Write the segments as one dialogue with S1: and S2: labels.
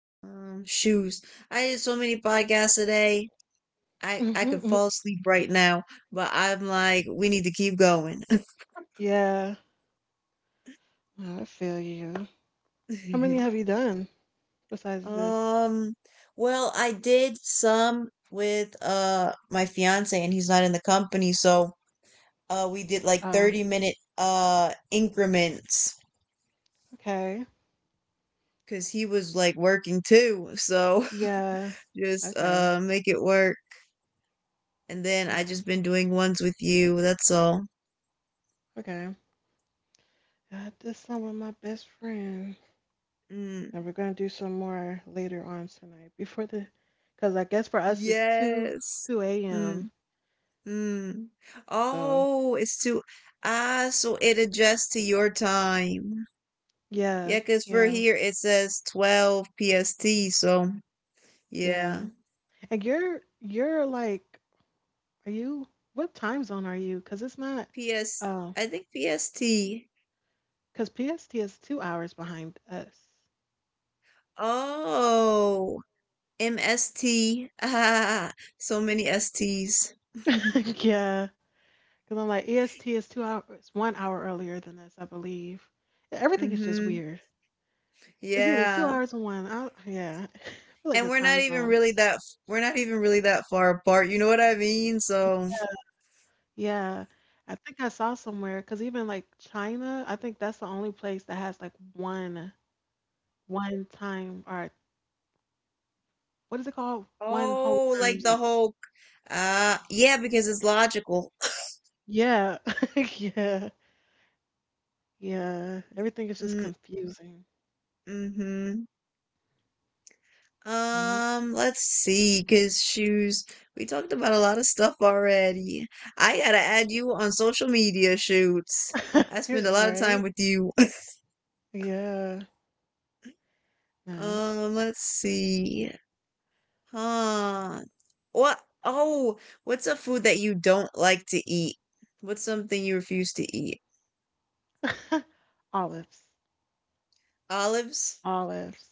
S1: Shoes. I did so many podcasts today. I
S2: Mhm,
S1: could
S2: mm.
S1: fall asleep right now, but I'm like, we need to keep going.
S2: Yeah, I feel you. How many have you done besides this?
S1: Um, well, I did some with my fiance, and he's not in the company, so we did like
S2: Oh,
S1: 30 minute increments
S2: okay.
S1: because he was like working too, so
S2: Yeah.
S1: just
S2: Okay.
S1: make it work. And then I
S2: Yeah.
S1: just been doing ones with you. That's all.
S2: Okay. I did this song with my best friend,
S1: Mm.
S2: and we're gonna do some more later on tonight before the, because I guess for us it's two
S1: Yes.
S2: two a.m.
S1: Mm, mm.
S2: So
S1: Oh, it's too. Ah, so it adjusts to your time.
S2: yeah,
S1: Yeah, because for
S2: yeah,
S1: here it says 12 PST. So,
S2: yeah.
S1: yeah.
S2: And you're like, are you? What time zone are you? Because it's not.
S1: PS,
S2: um,
S1: I think PST.
S2: Because PST is 2 hours behind us.
S1: Oh, MST. Ah, so many STs.
S2: Yeah. Because I'm like, EST is 2 hours, 1 hour earlier than us, I believe. Yeah, everything is just
S1: Mm-hmm.
S2: weird. It's either two
S1: Yeah.
S2: hours or one. Yeah. I feel like
S1: And
S2: the time zone.
S1: we're not even really that far apart. You know what I mean? So.
S2: Yeah. I think I saw somewhere, because even like China, I think that's the only place that has like one time, or what is it called? One whole
S1: Oh, like
S2: time zone.
S1: the whole yeah, because it's logical.
S2: Yeah. Yeah. Yeah. Everything is just
S1: Mm,
S2: confusing.
S1: mhm.
S2: Mhm.
S1: Let's see, cause shoes. We talked about a lot of stuff already. I gotta add you on social media shoots. I spend a lot of time
S2: Right?
S1: with you.
S2: Yeah. No.
S1: Let's see. Huh. What? Oh, what's a food that you don't like to eat? What's something you refuse to eat?
S2: Olives.
S1: Olives?
S2: Olives.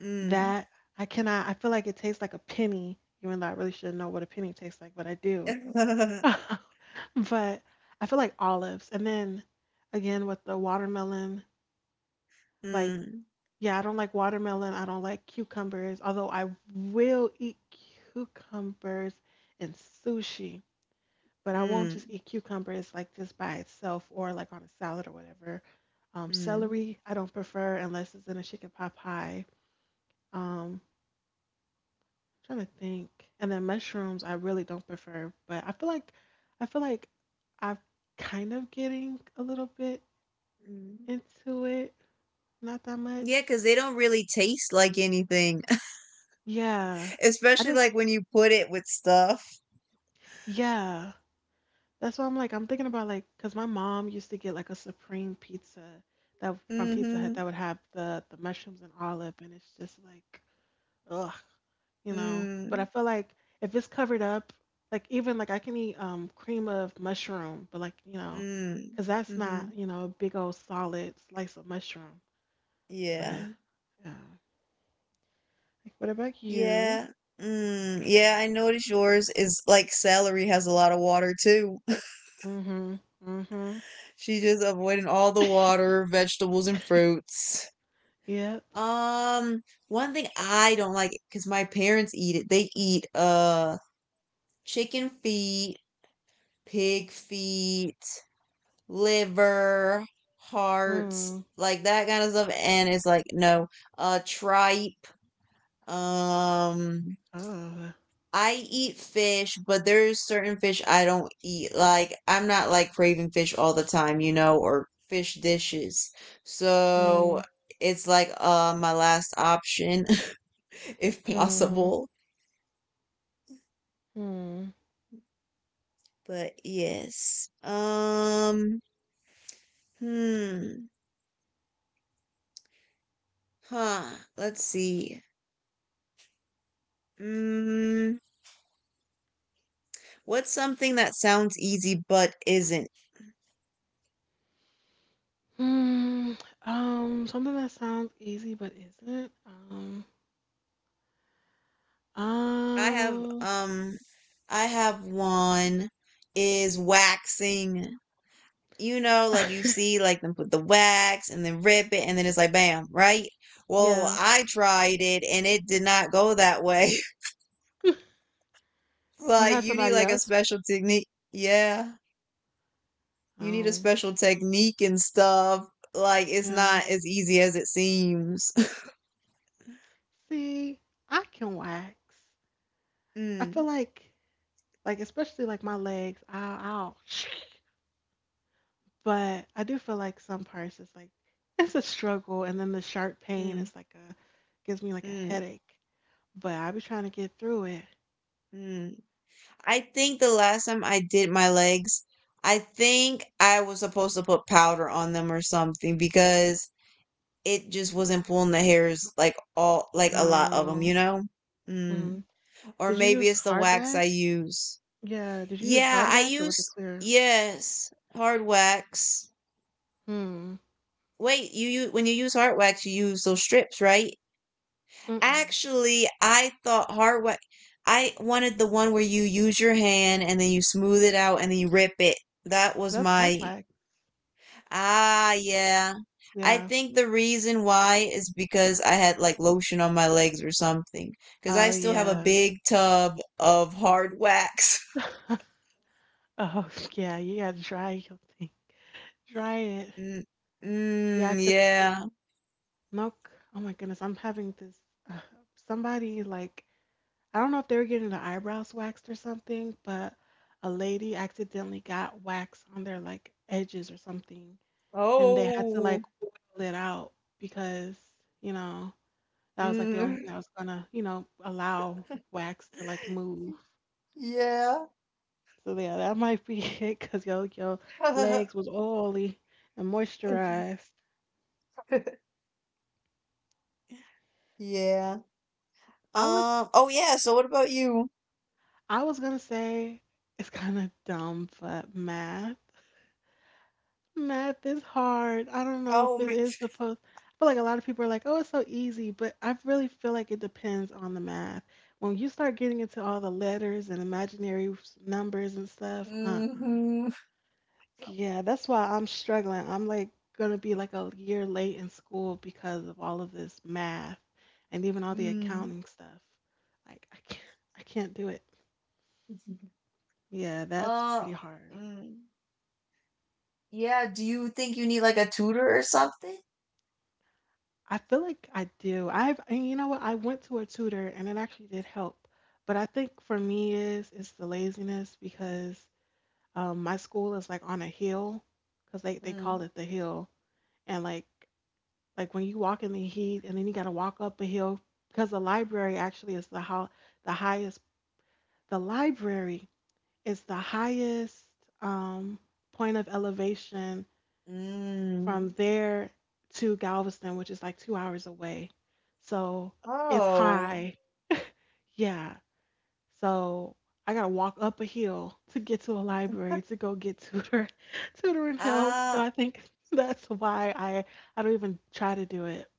S1: Mm.
S2: That I cannot I feel like it tastes like a penny, even though I really shouldn't know what a penny tastes like, but I do. But I feel like olives. And then again with the watermelon, like
S1: Mm.
S2: yeah, I don't like watermelon. I don't like cucumbers, although I will eat cucumbers in sushi. But I won't just
S1: Mm.
S2: eat cucumbers like just by itself or like on a salad or whatever.
S1: Mm,
S2: Celery I don't prefer unless it's in a chicken pot pie. Um, trying to think, and then mushrooms I really don't prefer, but I feel like I'm kind of getting a little bit
S1: mm.
S2: into it, not that much.
S1: Cause they don't really taste like anything,
S2: Yeah, I
S1: especially,
S2: just
S1: like, when you put it with stuff.
S2: yeah. That's why I'm like I'm thinking about like because my mom used to get like a supreme pizza that from Pizza Hut
S1: Mhm.
S2: that would have the mushrooms and olive, and it's just like ugh, But I
S1: Mm.
S2: feel like if it's covered up, like even like I can eat cream of mushroom, but like you know,
S1: Mm.
S2: because that's not
S1: Mhm.
S2: a big old solid slice of mushroom. But
S1: Yeah.
S2: yeah. Like, what about you?
S1: Yeah. Mm, yeah, I noticed yours is like, celery has a lot of water too.
S2: Hmm, hmm.
S1: She's just avoiding all the water, vegetables, and fruits.
S2: Yep.
S1: Um, One thing I don't like cause my parents eat it, they eat, chicken feet, pig feet, liver, hearts,
S2: Mm.
S1: like that kind of stuff. And it's like, no, tripe. Um,
S2: Oh.
S1: I eat fish, but there's certain fish I don't eat. Like, I'm not like craving fish all the time, you know, or fish dishes. So
S2: Mm.
S1: it's like, my last option, if
S2: Mm-hmm.
S1: possible.
S2: Mm.
S1: But yes. Hmm. Huh. Let's see. Mm, what's something that sounds easy but isn't?
S2: Mm, something that sounds easy but isn't.
S1: I have
S2: Um,
S1: um I have one is waxing. You know, like you see like them put the wax and then rip it and then it's like bam, right? Well,
S2: yeah.
S1: I tried it and it did not go that way.
S2: You
S1: Like
S2: had
S1: you need
S2: somebody
S1: like a
S2: else?
S1: special technique. Yeah. You need a
S2: Um,
S1: special technique and stuff. Like it's
S2: yeah.
S1: not as easy as it seems.
S2: See, I can wax. I feel
S1: mm,
S2: like especially like my legs, ow, ow. But I do feel like some parts is like it's a struggle, and then the sharp pain
S1: mm,
S2: is like a gives me like a
S1: mm,
S2: headache. But I be trying to get through it.
S1: mm. I think the last time I did my legs, I think I was supposed to put powder on them or something because it just wasn't pulling the hairs like all like a lot of them,
S2: Um,
S1: you know? Mm.
S2: mhm.
S1: Or
S2: Did you
S1: maybe
S2: use
S1: it's the
S2: hard
S1: wax I
S2: wax?
S1: use.
S2: Yeah, did you use
S1: Yeah,
S2: hard
S1: I
S2: wax or was it
S1: use,
S2: clear?
S1: yes, hard wax.
S2: Hmm.
S1: Wait, you when you use hard wax, you use those strips, right?
S2: Mm-mm.
S1: Actually, I thought hard wax. I wanted the one where you use your hand and then you smooth it out and then you rip it. That was
S2: That's hard
S1: my.
S2: wax.
S1: Ah, yeah. I
S2: Yeah.
S1: think the reason why is because I had like lotion on my legs or something. Because I
S2: Oh
S1: still have a
S2: yeah.
S1: big tub of hard wax.
S2: Oh yeah, you gotta dry your thing. Dry it.
S1: Mm,
S2: Yeah, 'cause
S1: yeah.
S2: no. c- Oh my goodness, I'm having this. Uh, Somebody like I don't know if they were getting their eyebrows waxed or something, but a lady accidentally got wax on their like edges or something, and they had to
S1: Oh.
S2: like oil it out because you know. That was like the only
S1: Mm.
S2: thing that was gonna, allow wax to like move.
S1: Yeah.
S2: So yeah, that might be it because yo, your legs was oily and moisturized.
S1: yeah.
S2: I would,
S1: Oh yeah, so what about you?
S2: I was gonna say it's kind of dumb, but math, math is hard. I don't know if
S1: Oh,
S2: it
S1: man.
S2: is supposed. I feel like a lot of people are like, oh, it's so easy, but I really feel like it depends on the math. When you start getting into all the letters and imaginary s- numbers and stuff, uh-uh.
S1: Mm-hmm.
S2: Yeah, that's why I'm struggling. I'm like gonna be like a year late in school because of all of this math and even all the
S1: Mm.
S2: accounting stuff. Like I can't do it. Yeah, that's
S1: Uh,
S2: pretty hard.
S1: mm. Yeah, do you think you need like a tutor or something?
S2: I feel like I do. I've and you know what? I went to a tutor and it actually did help. But I think for me is it's the laziness because my school is like on a hill because they
S1: Mm.
S2: call it the hill and like when you walk in the heat and then you got to walk up a hill because the library actually is the how the highest the library is the highest um, point of elevation from
S1: Mm.
S2: there to Galveston, which is like 2 hours away. So it's
S1: Oh.
S2: high. Yeah. So I gotta walk up a hill to get to a library to go get tutor tutoring help. So
S1: Ah,
S2: I think that's why I don't even try to do it.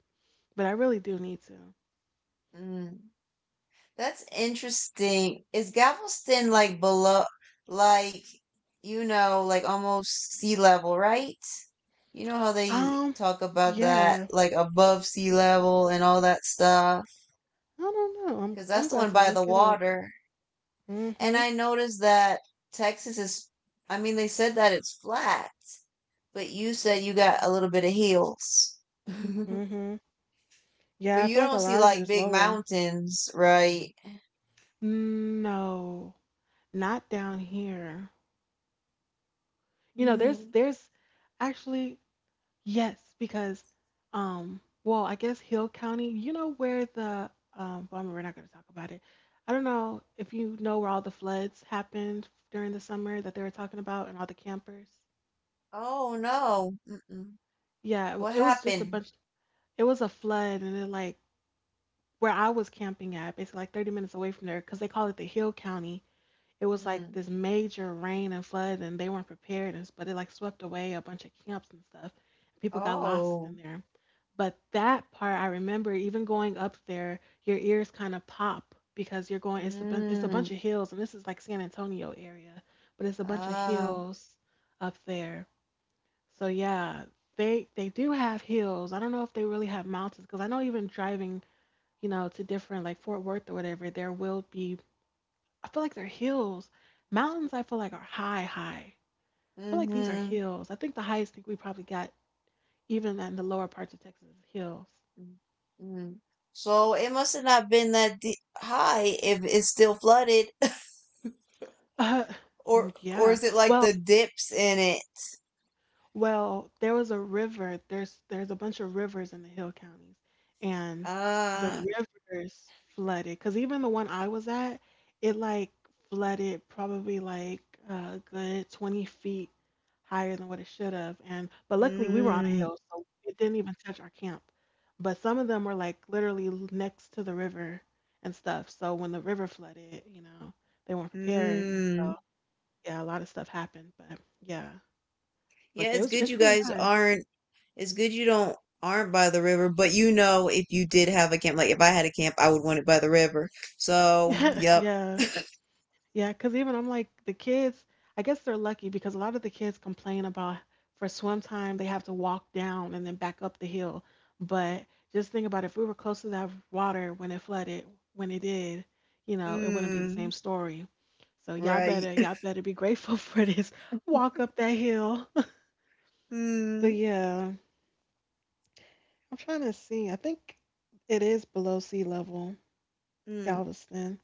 S2: But I really do need to.
S1: mm. That's interesting. Is Galveston like like, you know, like almost sea level, right? You know how they
S2: Um,
S1: talk about that,
S2: yeah.
S1: like above sea level and all that stuff.
S2: I don't know. I'm
S1: Because
S2: I'm
S1: that's the
S2: about
S1: one
S2: to
S1: by the
S2: look it up.
S1: water. And
S2: Mm-hmm.
S1: I noticed that Texas is, I mean, they said that it's flat, but you said you got a little bit of hills. But
S2: Mm-hmm. Yeah, I
S1: you
S2: feel like a
S1: don't see
S2: lot of it
S1: like
S2: is
S1: big
S2: lower.
S1: mountains, right?
S2: No, not down here. You know, there's
S1: Mm.
S2: there's actually yes, because well, I guess Hill County, you know where the well, I mean, we're not going to talk about it. I don't know if you know where all the floods happened during the summer that they were talking about and all the campers.
S1: Oh, no. Mm-mm.
S2: Yeah, it,
S1: What
S2: it was just a
S1: happened?
S2: bunch it was a flood and it like where I was camping at, basically like 30 minutes away from there, because they call it the Hill County. It was like
S1: Mm.
S2: this major rain and flood, and they weren't prepared, and, s- but it like swept away a bunch of camps and stuff. People got lost
S1: Oh.
S2: in there. But that part, I remember even going up there, your ears kind of pop because you're going, it's a, it's a bunch
S1: Mm.
S2: of hills, and this is like San Antonio area, but it's a bunch of
S1: Ah.
S2: hills up there. So yeah, they do have hills. I don't know if they really have mountains because I know even driving you know, to different like Fort Worth or whatever, there will be I feel like they're hills. Mountains I feel like are high, high. I feel like these are
S1: Mm-hmm.
S2: hills. I think the highest thing we probably got even in the lower parts of Texas is hills.
S1: Mm. So it must have not been that high if it's still flooded.
S2: Uh
S1: Or
S2: yeah.
S1: is it like
S2: Well,
S1: the dips in it?
S2: Well, there was a river. There's a bunch of rivers in the hill counties, and the
S1: Ah,
S2: rivers flooded. Cause even the one I was at, it like flooded probably like a good 20 feet higher than what it should have. And but luckily we were on a
S1: mm,
S2: hill, so it didn't even touch our camp. But some of them were like literally l- next to the river and stuff. So when the river flooded, you know, they weren't prepared, and
S1: mm.
S2: so yeah, a lot of stuff happened. But yeah, but
S1: Yeah,
S2: it
S1: it's
S2: was
S1: good
S2: it's
S1: you
S2: pretty
S1: guys
S2: high.
S1: aren't. It's good you don't aren't by the river. But you know, if you did have a camp, like if I had a camp, I would want it by the river. So, yep.
S2: Yeah. Yeah, cause even I'm like the kids, I guess they're lucky because a lot of the kids complain about for swim time they have to walk down and then back up the hill. But just think about if we were close to that water when it flooded, when it did, you know, it wouldn't be the
S1: Mm,
S2: same story. So y'all
S1: right.
S2: better y'all better be grateful for this walk up that hill. But
S1: Mm,
S2: yeah, I'm trying to see. I think it is below sea level,
S1: mm,
S2: Galveston.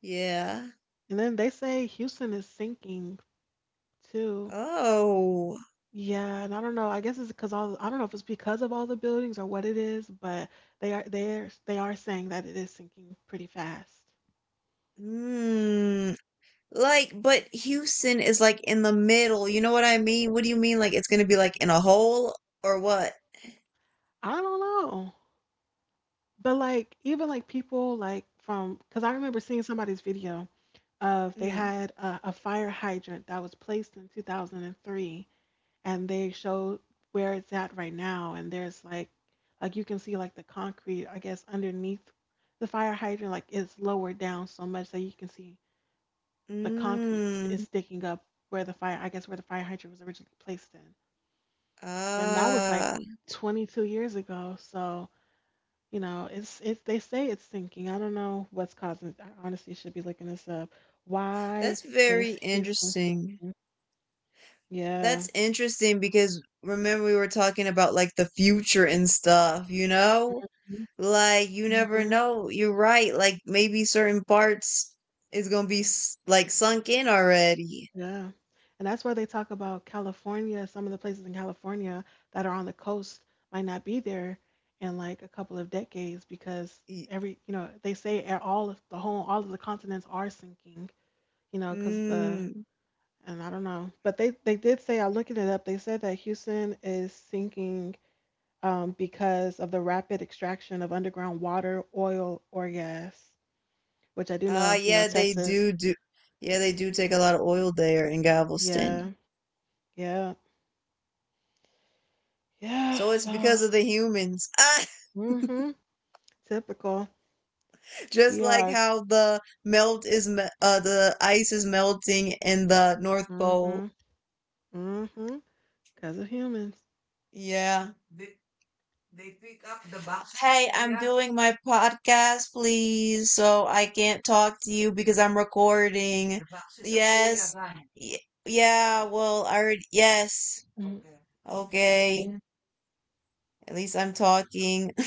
S1: yeah.
S2: And then they say Houston is sinking too.
S1: Oh.
S2: Yeah, and I don't know. I guess it's because all I don't know if it's because of all the buildings or what it is, but they are saying that it is sinking pretty fast.
S1: Mm. Like, but Houston is like in the middle. You know what I mean? What do you mean? Like, it's gonna be like in a hole or what?
S2: I don't know, but like even like people like from because I remember seeing somebody's video of they
S1: Mm.
S2: had a fire hydrant that was placed in 2003, and they showed where it's at right now, and there's like you can see like the concrete I guess underneath the fire hydrant like it's lowered down so much that you can see the concrete st-
S1: Mm.
S2: is sticking up where the fire, I guess, where the fire hydrant was originally placed in. And that was like
S1: Ah,
S2: 22 years ago. So, you know, they say it's sinking. I don't know what's causing it. I honestly should be looking this up. Why
S1: that's very
S2: is Houston
S1: interesting.
S2: sinking? Yeah.
S1: That's interesting because remember we were talking about like the future and stuff, you know? Like, you never
S2: Hmm.
S1: know. You're right. Like, maybe certain parts is gonna be like sunk in already.
S2: Yeah. And that's why they talk about California, some of the places in California that are on the coast might not be there in like a couple of decades because
S1: Y-
S2: every, you know, they say all of the whole, all of the continents are sinking, you know, because
S1: Mm.
S2: and I don't know. But they did say, I'm looking it up, they said that Houston is sinking because of the rapid extraction of underground water, oil, or gas, which I do
S1: Ah,
S2: know, you know,
S1: yeah, they
S2: Texas.
S1: do do. Yeah, they do take a lot of oil there in Galveston.
S2: Yeah. Yeah. Yeah.
S1: So it's because
S2: So.
S1: of the humans. Ah,
S2: Hmm. Typical.
S1: just
S2: We
S1: like
S2: are.
S1: how the ice is melting in the North
S2: Mm-hmm.
S1: Pole.
S2: Mm-hmm. Because of humans.
S1: Yeah. Hey, I'm doing my podcast, please. So I can't talk to you because I'm recording. Yes. Y- yeah, well, I already, yes.
S2: Mhm.
S1: Okay. At least I'm talking.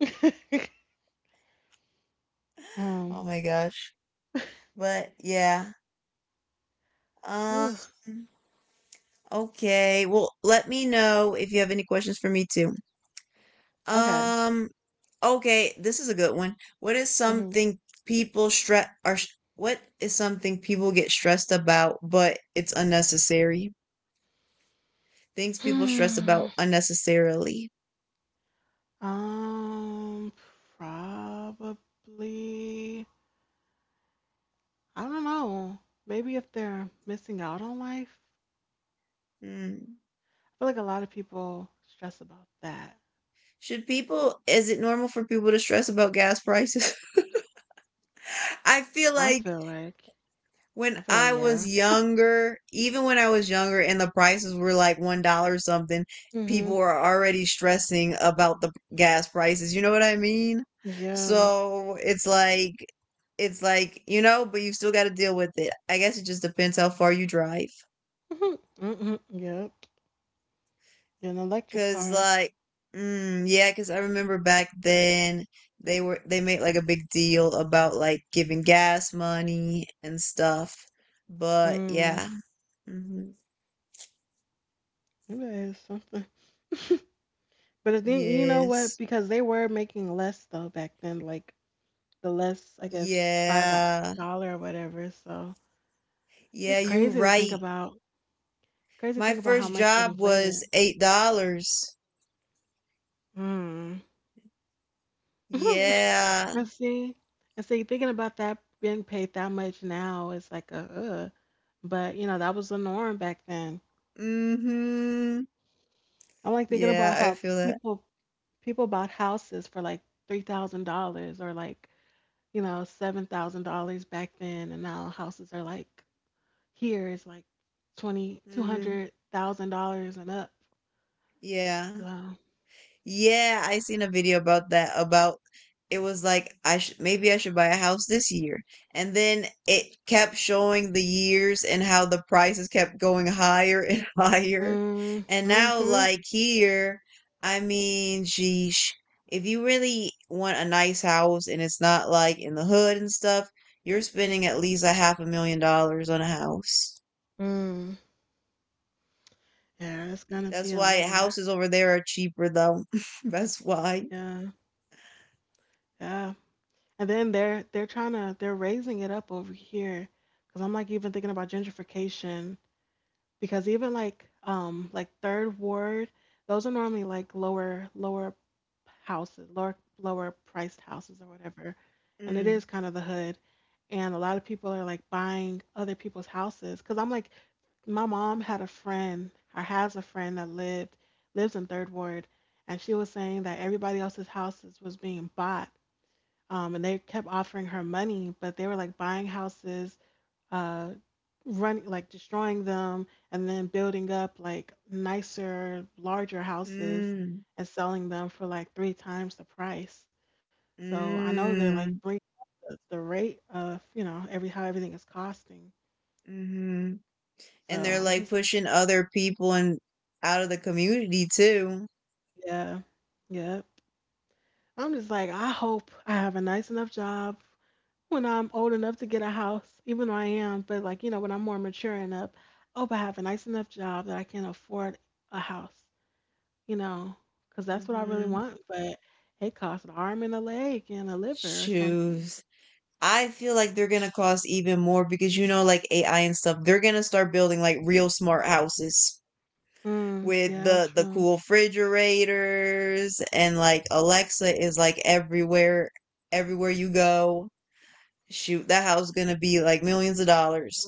S1: Oh
S2: Um.
S1: my gosh. But yeah. Um
S2: Ooh.
S1: okay. Well, let me know if you have any questions for me too.
S2: Okay.
S1: Um okay, this is a good one.
S2: Mm-hmm.
S1: People stress are what is something people get stressed about but it's unnecessary? Things people stress
S2: Hmm.
S1: about unnecessarily.
S2: Um. Probably. I don't know. Maybe if they're missing out on life.
S1: Hmm.
S2: I feel like a lot of people stress about that.
S1: Should people is it normal for people to stress about gas prices? I feel
S2: I
S1: like
S2: feel like.
S1: when
S2: I feel like
S1: I was
S2: yeah.
S1: younger, even when I was younger and the prices were like $1 something,
S2: Mm-hmm.
S1: people were already stressing about the gas prices. You know what I mean?
S2: Yeah.
S1: So it's like, you know, but you still got to deal with it. I guess it just depends how far you drive.
S2: Mm-hmm. Yep. An electric
S1: Cause
S2: car.
S1: like, yeah, cause I remember back then they made like a big deal about like giving gas money and stuff. But
S2: Mm.
S1: yeah. hmm
S2: You guys, something. But I think, you know what?
S1: Yes.
S2: Because they were making less though back then, like the less I guess by the
S1: Yeah.
S2: dollar or whatever. So
S1: Yeah,
S2: it's
S1: you
S2: crazy to think
S1: right.
S2: about. It's crazy to
S1: My
S2: think about how
S1: first
S2: much it
S1: job
S2: inflated.
S1: was $8.
S2: Hmm.
S1: Yeah.
S2: I see. And see, thinking about that being paid that much now is like a, ugh. But you know, that was the norm back then.
S1: Mm-hmm.
S2: I'm like thinking
S1: Yeah,
S2: about
S1: I
S2: how
S1: feel that.
S2: people people bought houses for like $3,000 or like, you know, $7,000 back then, and now houses are like here is like twenty two
S1: Mm-hmm.
S2: hundred thousand dollars and up.
S1: Yeah.
S2: So,
S1: Yeah, I seen a video about that. About it was like I should maybe I should buy a house this year, and then it kept showing the years and how the prices kept going higher and higher,
S2: mm,
S1: and now
S2: mm-hmm.
S1: like here, I mean, sheesh, if you really want a nice house and it's not like in the hood and stuff, you're spending at least a half a million dollars on a house.
S2: Mm. Yeah, it's gonna
S1: That's
S2: be a
S1: why
S2: lot.
S1: houses over there are cheaper though. That's why.
S2: Yeah, yeah. And then they're trying to they're raising it up over here because I'm like even thinking about gentrification, because even like third ward, those are normally like lower houses, lower priced houses or whatever, and it
S1: Mm.
S2: is kind of the hood. And a lot of people are like buying other people's houses, because I'm like, my mom had a friend or has a friend that lived lives in third ward, and she was saying that everybody else's houses was being bought, and they kept offering her money, but they were like buying houses, uh, running like destroying them, and then building up like nicer, larger houses
S1: Mm.
S2: and selling them for like three times the price. So I know they're like
S1: Mm,
S2: bringing the rate of, you know, every how everything is costing.
S1: mhm.
S2: So
S1: And they're
S2: I'm
S1: like
S2: just
S1: pushing other people and out of the community too.
S2: yeah, yeah. I'm just like, I hope I have a nice enough job when I'm old enough to get a house, even though I am, but like you know, when I'm more mature enough, I hope I have a nice enough job that I can afford a house. You know, because that's what I really
S1: Mm-hmm.
S2: want. But it costs an arm and a leg and a liver or something.
S1: Shoes. I feel like they're gonna cost even more because you know, like AI and stuff, they're gonna start building like real smart houses.
S2: Mm,
S1: With
S2: yeah,
S1: the
S2: true.
S1: cool refrigerators and like Alexa is like everywhere you go. Shoot, that house is gonna be like millions of dollars.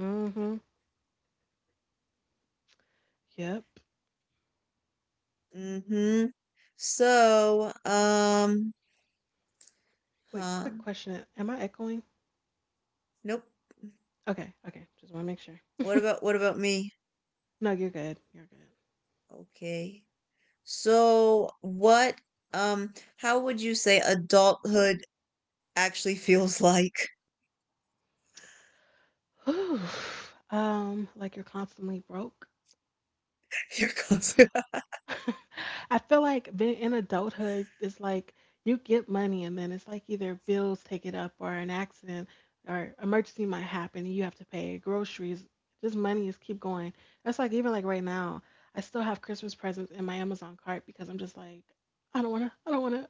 S2: Mm-hmm. Yep.
S1: mm-hmm. So,
S2: Wait,
S1: huh?
S2: quick question. Am I echoing?
S1: Nope.
S2: Okay, okay. Just want to make sure.
S1: What about me?
S2: No, you're good. You're good.
S1: Okay. So, what um how would you say adulthood actually feels like?
S2: Whew. Like you're constantly broke.
S1: Here comes.
S2: I feel like being in adulthood is like you get money and then it's like either bills take it up or an accident or emergency might happen and you have to pay groceries. Just money is keep going. That's like even like right now, I still have Christmas presents in my Amazon cart because I'm just like, I don't wanna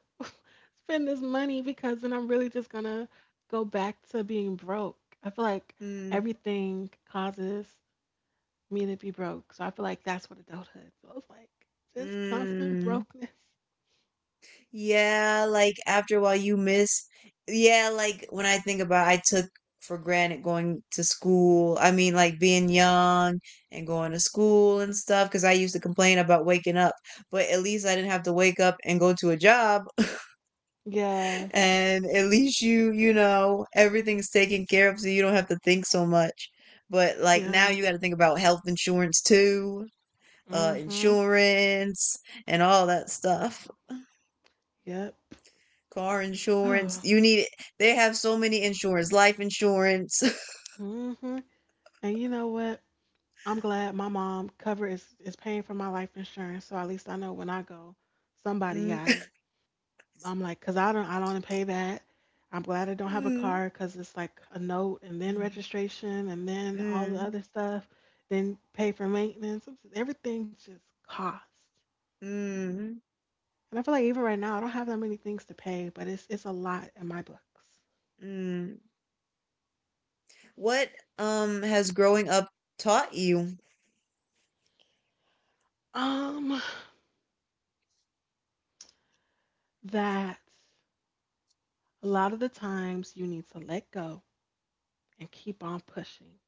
S2: spend this money because then I'm really just gonna go back to being broke. I feel like
S1: mm.
S2: everything causes me to be broke. So I feel like that's what adulthood feels like. Just constant
S1: Mm.
S2: brokenness.
S1: Yeah, like after a while you miss. Yeah, like when I think about I took for granted going to school. I mean, like being young and going to school and stuff because I used to complain about waking up, but at least I didn't have to wake up and go to a job.
S2: Yeah.
S1: And at least you know, everything's taken care of so you don't have to think so much. But like now
S2: Yeah.
S1: you got to think about health insurance too,
S2: Mm-hmm.
S1: insurance and all that stuff.
S2: Yep.
S1: Car insurance. You need they have so many insurance, life insurance.
S2: Mm-hmm. And you know what? I'm glad my mom cover is paying for my life insurance. So at least I know when I go, somebody
S1: Mm,
S2: got it. I'm like, cause I don't wanna pay that. I'm glad I don't have a
S1: mm,
S2: car because it's like a note and then registration and then all the
S1: mm,
S2: other stuff, then pay for maintenance. Everything just costs.
S1: mm,
S2: And I feel like even right now, I don't have that many things to pay, but it's a lot in my books.
S1: mm. What has growing up taught you?
S2: Um, that a lot of the times you need to let go and keep on pushing,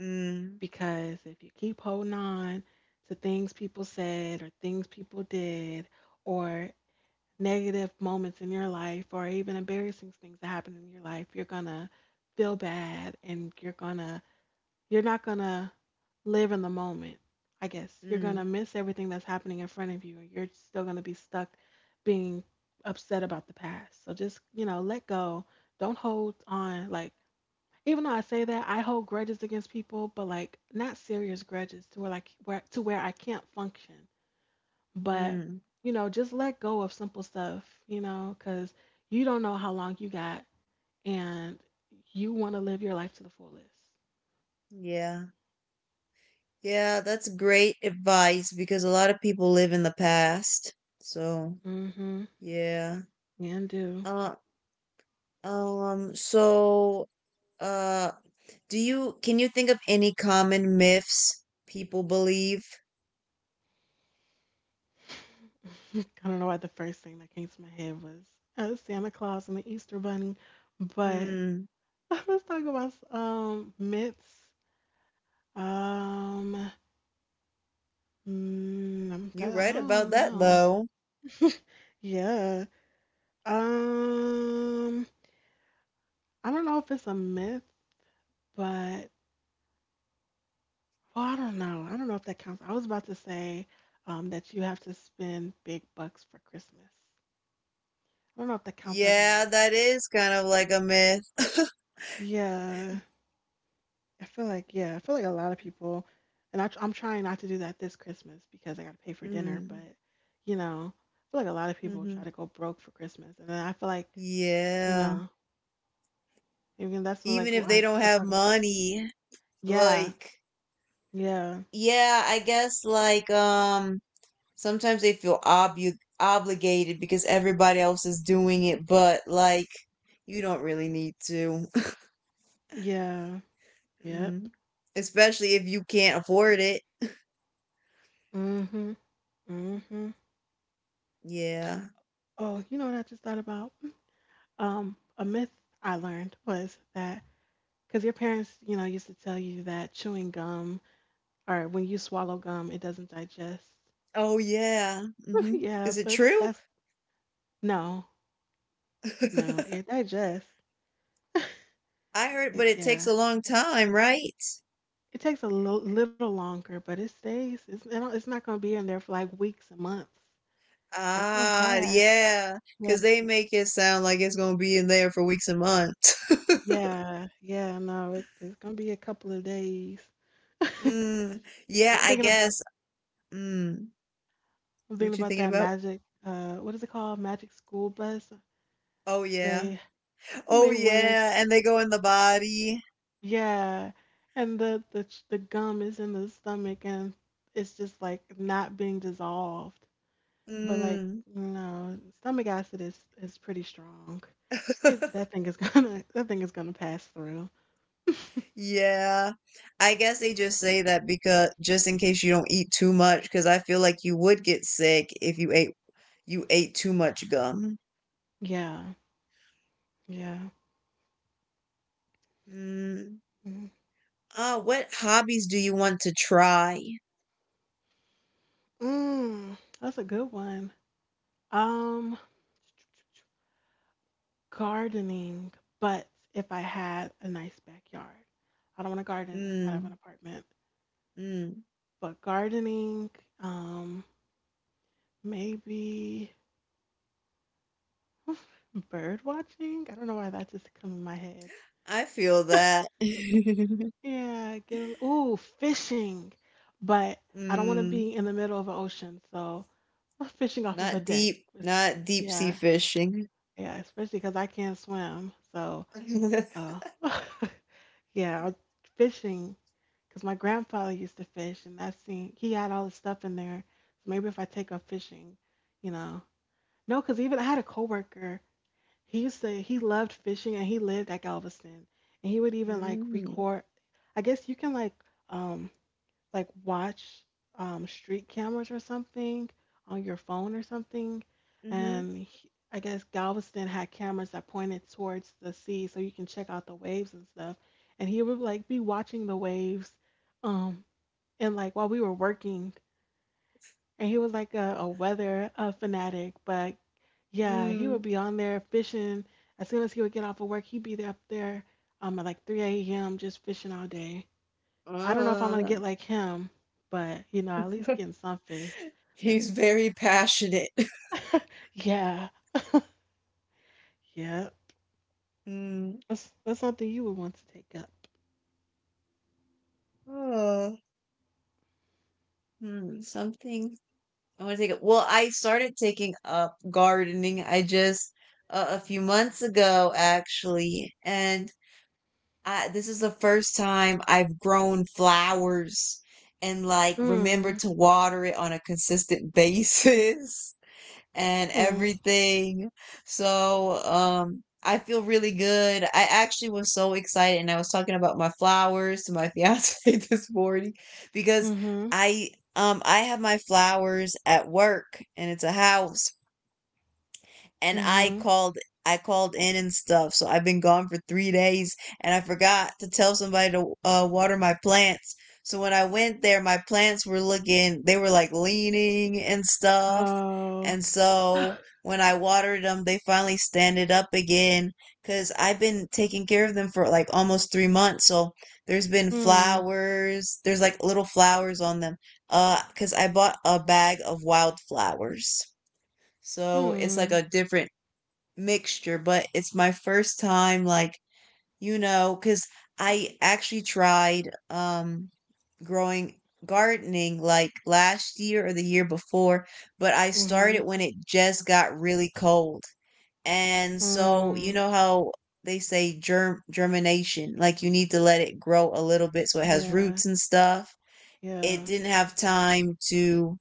S1: Mm,
S2: because if you keep holding on to things people said or things people did or negative moments in your life or even embarrassing things that happen in your life, you're gonna feel bad, and you're not gonna live in the moment. I guess you're gonna
S1: mm,
S2: miss everything that's happening in front of you, and you're still gonna be stuck being upset about the past. So just, let go. Don't hold on. Like, even though I say that, I hold grudges against people, but like not serious grudges to where like where to where I can't function. But
S1: mm.
S2: you know, just let go of simple stuff. You know, because you don't know how long you got, and you want to live your life to the fullest.
S1: Yeah. Yeah, that's great advice because a lot of people live in the past. So,
S2: Mm-hmm.
S1: yeah.
S2: And do.
S1: Uh, um, so, uh, do you can you think of any common myths people believe?
S2: I don't know why the first thing that came to my head was Santa Claus and the Easter Bunny, but
S1: Mm,
S2: let's talk about myths. Um,
S1: you
S2: I
S1: right about
S2: don't
S1: that,
S2: know.
S1: though.
S2: Yeah. Um, I don't know if it's a myth, but well, I don't know. I don't know if that counts. I was about to say that you have to spend big bucks for Christmas. I don't know if that counts as a
S1: Yeah,
S2: myth.
S1: that is kind of like a myth.
S2: Yeah. I feel like yeah, I feel like a lot of people, and I'm trying not to do that this Christmas because I got to pay for dinner.
S1: mm,
S2: But you know, I feel like a lot of people try
S1: hmm
S2: to go broke for Christmas, and then I feel like, you
S1: Yeah,
S2: know, even that's what,
S1: even
S2: like what
S1: if they
S2: I
S1: don't
S2: was
S1: have
S2: talking about.
S1: money,
S2: Yeah,
S1: like,
S2: yeah,
S1: yeah, I guess like sometimes they feel obu obligated because everybody else is doing it, but like, you don't really need to.
S2: yeah, yep.
S1: Mm. Especially if you can't afford it.
S2: Mhm, mhm.
S1: Yeah.
S2: Oh, you know what I just thought about? A myth I learned was that because your parents, you know, used to tell you that chewing gum, or when you swallow gum, it doesn't digest.
S1: Oh, yeah. hmm
S2: Yeah,
S1: Is it
S2: but
S1: true?
S2: that's no, no, it digests.
S1: I heard, but it takes
S2: Yeah,
S1: a long time, right?
S2: it takes a little longer, but it stays. It's it don't, it's not gonna be in there for like weeks and months. It's gonna
S1: Ah,
S2: pass.
S1: yeah,
S2: Yeah,
S1: because they make it sound like it's gonna be in there for weeks and months.
S2: yeah, yeah. No, it's gonna be a couple of days.
S1: Mm, yeah,
S2: I'm
S1: I
S2: thinking about
S1: guess. Mm,
S2: I'm thinking
S1: what you
S2: about
S1: thinking
S2: that
S1: about?
S2: magic. What is it called? Magic School Bus.
S1: Oh yeah.
S2: They
S1: Oh
S2: they went in.
S1: yeah, and they go in the body.
S2: Yeah, and the gum is in the stomach, and it's just like not being dissolved. But like,
S1: Mm.
S2: no, stomach acid is pretty strong. It's That thing is gonna that thing is gonna pass through.
S1: Yeah. I guess they just say that because just in case you don't eat too much, because I feel like you would get sick if you ate too much gum.
S2: Yeah, yeah.
S1: Mm.
S2: Mm,
S1: Ah, what hobbies do you want to try?
S2: That's a good one. Um, Gardening, but if I had a nice backyard, I don't want to garden inside of an
S1: Mm,
S2: apartment.
S1: mm,
S2: But gardening, um, maybe bird watching. I don't know why that just came in my head.
S1: I feel that.
S2: Yeah, ooh, fishing. But I don't want to
S1: Mm,
S2: be in the middle of an ocean, so I'm fishing off of a deck. It's-
S1: not deep sea
S2: Yeah,
S1: fishing.
S2: yeah, especially because I can't swim. So, uh, yeah, fishing because my grandfather used to fish, and that scene he had all his stuff in there. So maybe if I take up fishing, you know, no, because even I had a coworker. He used to he loved fishing, and he lived at Galveston, and he would even like
S1: Mm,
S2: record. I guess you can um like watch, street cameras or something on your phone or something.
S1: mhm,
S2: And I guess Galveston had cameras that pointed towards the sea, so you can check out the waves and stuff. And he would like be watching the waves, um, and like while we were working. And he was like a weather fanatic, but yeah, he would
S1: mm,
S2: be on there fishing. As soon as he would get off of work, he'd be there up there, at like 3 a.m. just fishing all day. I don't know if I'm gonna
S1: ah.
S2: get like him, but you know, at least getting some fish. But,
S1: He's very passionate.
S2: yeah, yeah.
S1: Mm,
S2: That's something you would want to take up.
S1: oh, something I want to take up. Well, I started taking up gardening. I just a few months ago, actually, and I this is the first time I've grown flowers and like remember
S2: Hmm.
S1: to water it on a consistent basis and
S2: Hmm.
S1: everything. So, I feel really good. I actually was so excited and I was talking about my flowers to my fiance this morning because
S2: Mm-hmm.
S1: I I have my flowers at work, and it's a house, and I
S2: Mm-hmm.
S1: called I called in and stuff. So I've been gone for 3 days, and I forgot to tell somebody to water my plants. So when I went there, my plants were looking they were like leaning and stuff.
S2: Oh.
S1: And so when I watered them, they finally standed up again because I've been taking care of them for like almost 3 months. So there's been
S2: Hmm.
S1: flowers. There's like little flowers on them. Because I bought a bag of wildflowers. So it's like
S2: Hmm.
S1: a different mixture, but it's my first time, like, because I actually tried growing gardening like last year or the year before, but I
S2: Mm-hmm.
S1: started when it just got really cold. And so, you
S2: Hmm.
S1: know how they say germination, like you need to let it grow a little bit so it has
S2: Yeah.
S1: roots and stuff. It
S2: Yeah.
S1: didn't have time to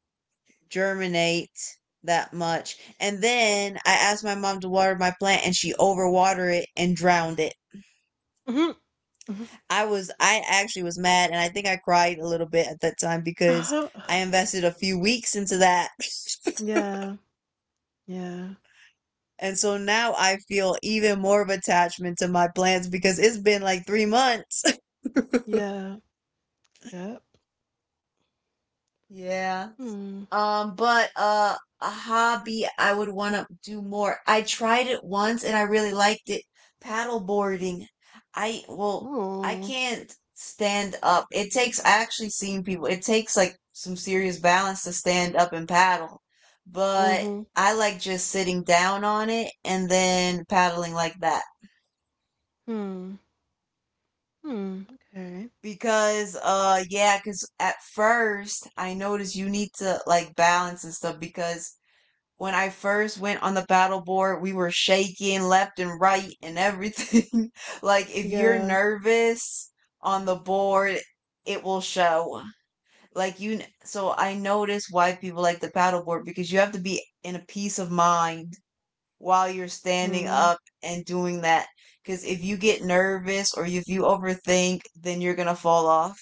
S1: germinate that much. And then I asked my mom to water my plant, and she overwatered it and drowned it.
S2: Mm-hmm. Mhm.
S1: I actually was mad, and I think I cried a little bit at that time because
S2: Uh-huh.
S1: I invested a few weeks into that.
S2: Yeah. Yeah.
S1: And so now I feel even more of attachment to my plants because it's been like 3 months.
S2: Yeah. Yep.
S1: Yeah.
S2: Hmm.
S1: But a hobby I would want to do more. I tried it once and I really liked it. Paddle boarding. I Well, I
S2: Oh.
S1: can't stand up. It takes I actually seen people. It takes like some serious balance to stand up and paddle. But
S2: Mm-hmm.
S1: I like just sitting down on it and then paddling like that.
S2: Hmm. Hmm. Okay.
S1: Because Yeah, because at first I noticed you need to like balance and stuff because when I first went on the battle board, we were shaking left and right and everything. Like, if you're
S2: Yeah.
S1: nervous on the board, it will show. So I notice why people like the paddle board because you have to be in a peace of mind while you're standing
S2: Hmm.
S1: up and doing that. Because if you get nervous or if you overthink, then you're gonna fall off.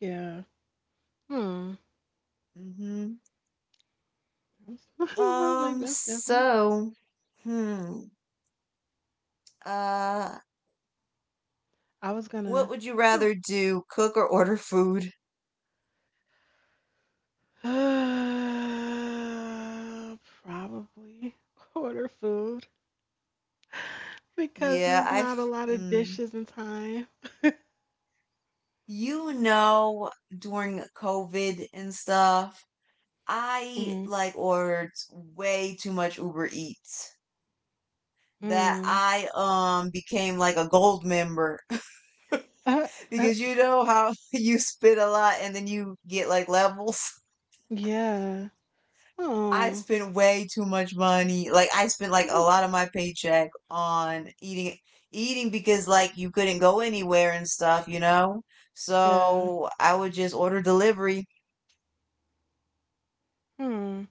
S2: Yeah. Hmm.
S1: hmm
S2: I was like, that's different.
S1: So, hmm, uh,
S2: I was
S1: what
S2: gonna,
S1: would you
S2: huh.
S1: rather do, cook or order food?
S2: Uh, Probably order food because it's
S1: Yeah,
S2: not a
S1: I've
S2: lot of
S1: mm,
S2: dishes in time.
S1: you know during COVID and stuff, I
S2: Mm-hmm.
S1: like ordered way too much Uber Eats that
S2: Mm.
S1: I became like a gold member
S2: Uh, uh,
S1: because you know how you spit a lot and then you get like levels.
S2: yeah.
S1: I
S2: Oh.
S1: spent way too much money. Like I spent like a
S2: Mhm.
S1: lot of my paycheck on eating because like you couldn't go anywhere and stuff, you know?
S2: Yeah.
S1: So I would just order delivery.
S2: Hmm.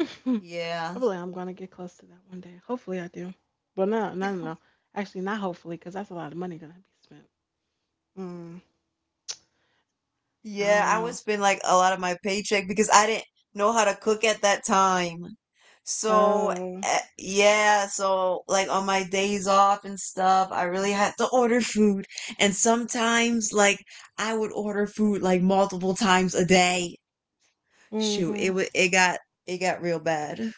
S2: I
S1: Yeah.
S2: believe I'm gonna get close to that one day. Hopefully, I do. But no, no, no, no. Actually, not hopefully, because that's a lot of money gonna be spent. Mm. I
S1: Yeah,
S2: don't
S1: I would
S2: know.
S1: spend like a lot of my paycheck because I didn't know how to cook at that time. So
S2: Oh.
S1: yeah, so like on my days off and stuff, I really had to order food. And sometimes like I would order food like multiple times a day. Shoot,
S2: Mm-hmm.
S1: it got real bad.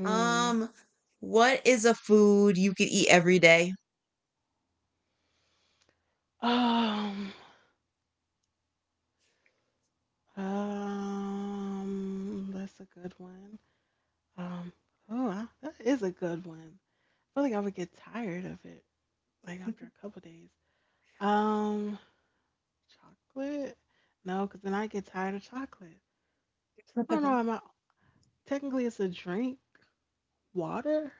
S2: Mm.
S1: Um, what is a food you could eat every day?
S2: Um, that's a good one. Um, oh, that is a good one. I feel like I would get tired of it like after a couple days. Um, Chocolate? No, because then I get tired of chocolate. I don't know. I'm not, technically it's a drink, water.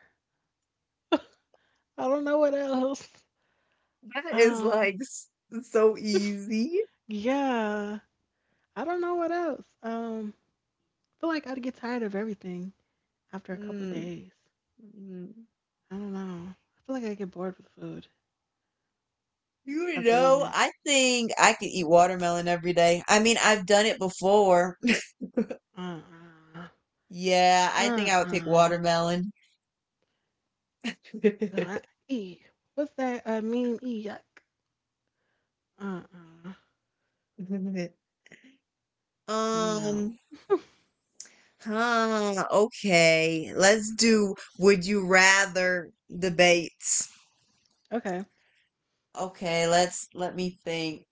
S2: I don't know what else.
S1: That is
S2: Um,
S1: like so easy.
S2: yeah, I don't know what else. I feel like I'd get tired of everything after a couple
S1: Mm,
S2: days.
S1: mm.
S2: I don't know. I feel like I get bored with food
S1: You
S2: after eating
S1: know,
S2: it.
S1: I think I could eat watermelon every day. I mean, I've done it before.
S2: Uh uh.
S1: Yeah, I
S2: Uh
S1: think I would pick
S2: uh.
S1: watermelon.
S2: Ugh, eek. What's that meme? Eek, yuck. Uh uh. No.
S1: Um, okay. Let's do would you rather debates.
S2: Okay.
S1: Okay, let me think.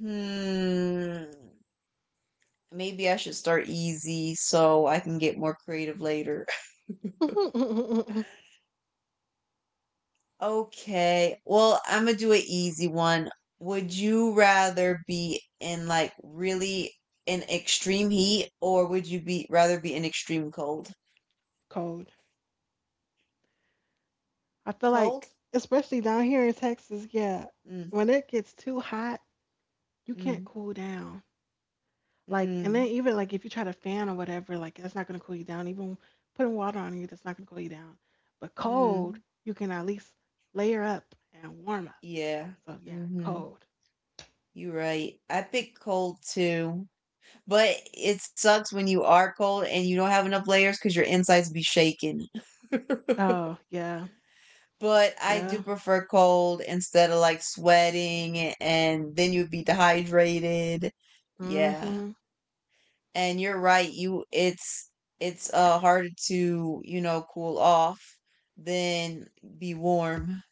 S1: Hmm. Maybe I should start easy so I can get more creative later. Okay. Well, I'm gonna do an easy one. Would you rather be in like really in extreme heat, or would you be rather be in extreme cold?
S2: Cold. I feel
S1: Cold?
S2: like, especially down here in Texas, yeah,
S1: Mm,
S2: when it gets too hot, you can't
S1: mm,
S2: cool down. Like, and then
S1: mm,
S2: even like if you try to fan or whatever, like that's not gonna cool you down. Even putting water on you, that's not gonna cool you down. But cold,
S1: mm.
S2: you can at least layer up and warm up.
S1: Yeah.
S2: So yeah,
S1: Mm-hmm.
S2: cold.
S1: You're right. I pick cold too. But it sucks when you are cold and you don't have enough layers because your insides be shaking.
S2: Oh yeah,
S1: But I do
S2: yeah.
S1: prefer cold instead of like sweating and then you'd be dehydrated. Yeah.
S2: Hmm.
S1: And you're right, you it's harder to, you know, cool off than be warm.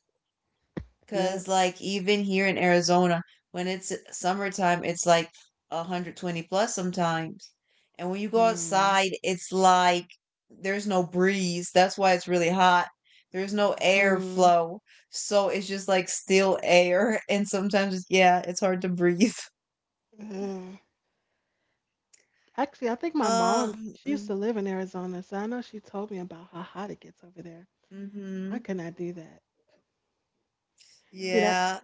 S1: 'Cause
S2: Yep.
S1: like even here in Arizona, when it's summertime, it's like 120 plus sometimes. And when you go
S2: Mm.
S1: outside, it's like there's no breeze. That's why it's really hot. There's no
S2: Mm.
S1: airflow. So it's just like still air. And sometimes, yeah, it's hard to breathe.
S2: Ugh. Actually, I think my mom, she used
S1: Um,
S2: to live in Arizona, so I know she told me about how hot it gets over there.
S1: mm-hmm.
S2: I could not do that. See, that
S1: Yeah.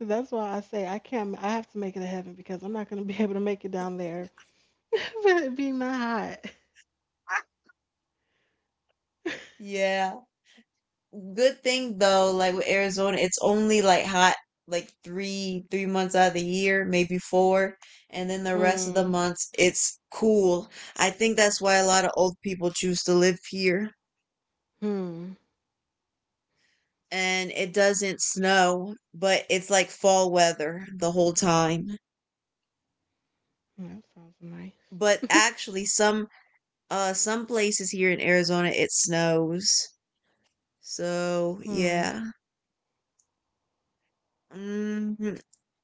S2: that's why I say I can't, I have to make it to heaven because I'm not gonna be able to make it down there, but it be not hot.
S1: Yeah. Good thing though, like with Arizona, it's only like hot like three months out of the year, maybe four, and then the rest of the
S2: Hmm.
S1: months it's cool. I think that's why a lot of old people choose to live here.
S2: Hmm.
S1: And it doesn't snow, but it's like fall weather the whole time.
S2: That sounds nice.
S1: But actually some places here in Arizona it snows. So,
S2: Hmm.
S1: yeah. Mm,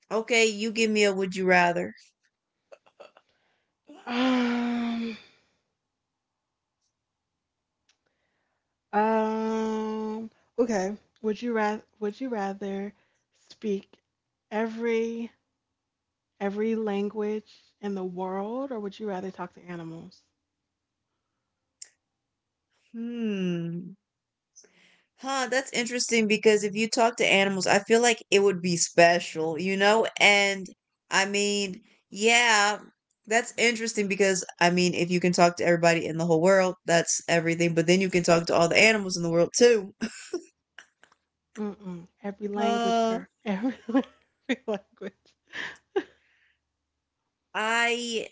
S1: okay, you give me a would you rather.
S2: Um. Um. Okay. Would you rather speak every every language in the world, or would you rather talk to animals?
S1: Hmm. Huh, that's interesting because if you talk to animals, I feel like it would be special, you know? And I mean, yeah, that's interesting because I mean, if you can talk to everybody in the whole world, that's everything, but then you can talk to all the animals in the world too.
S2: Mm-mm. Every language,
S1: Uh,
S2: girl. Every, every language.
S1: I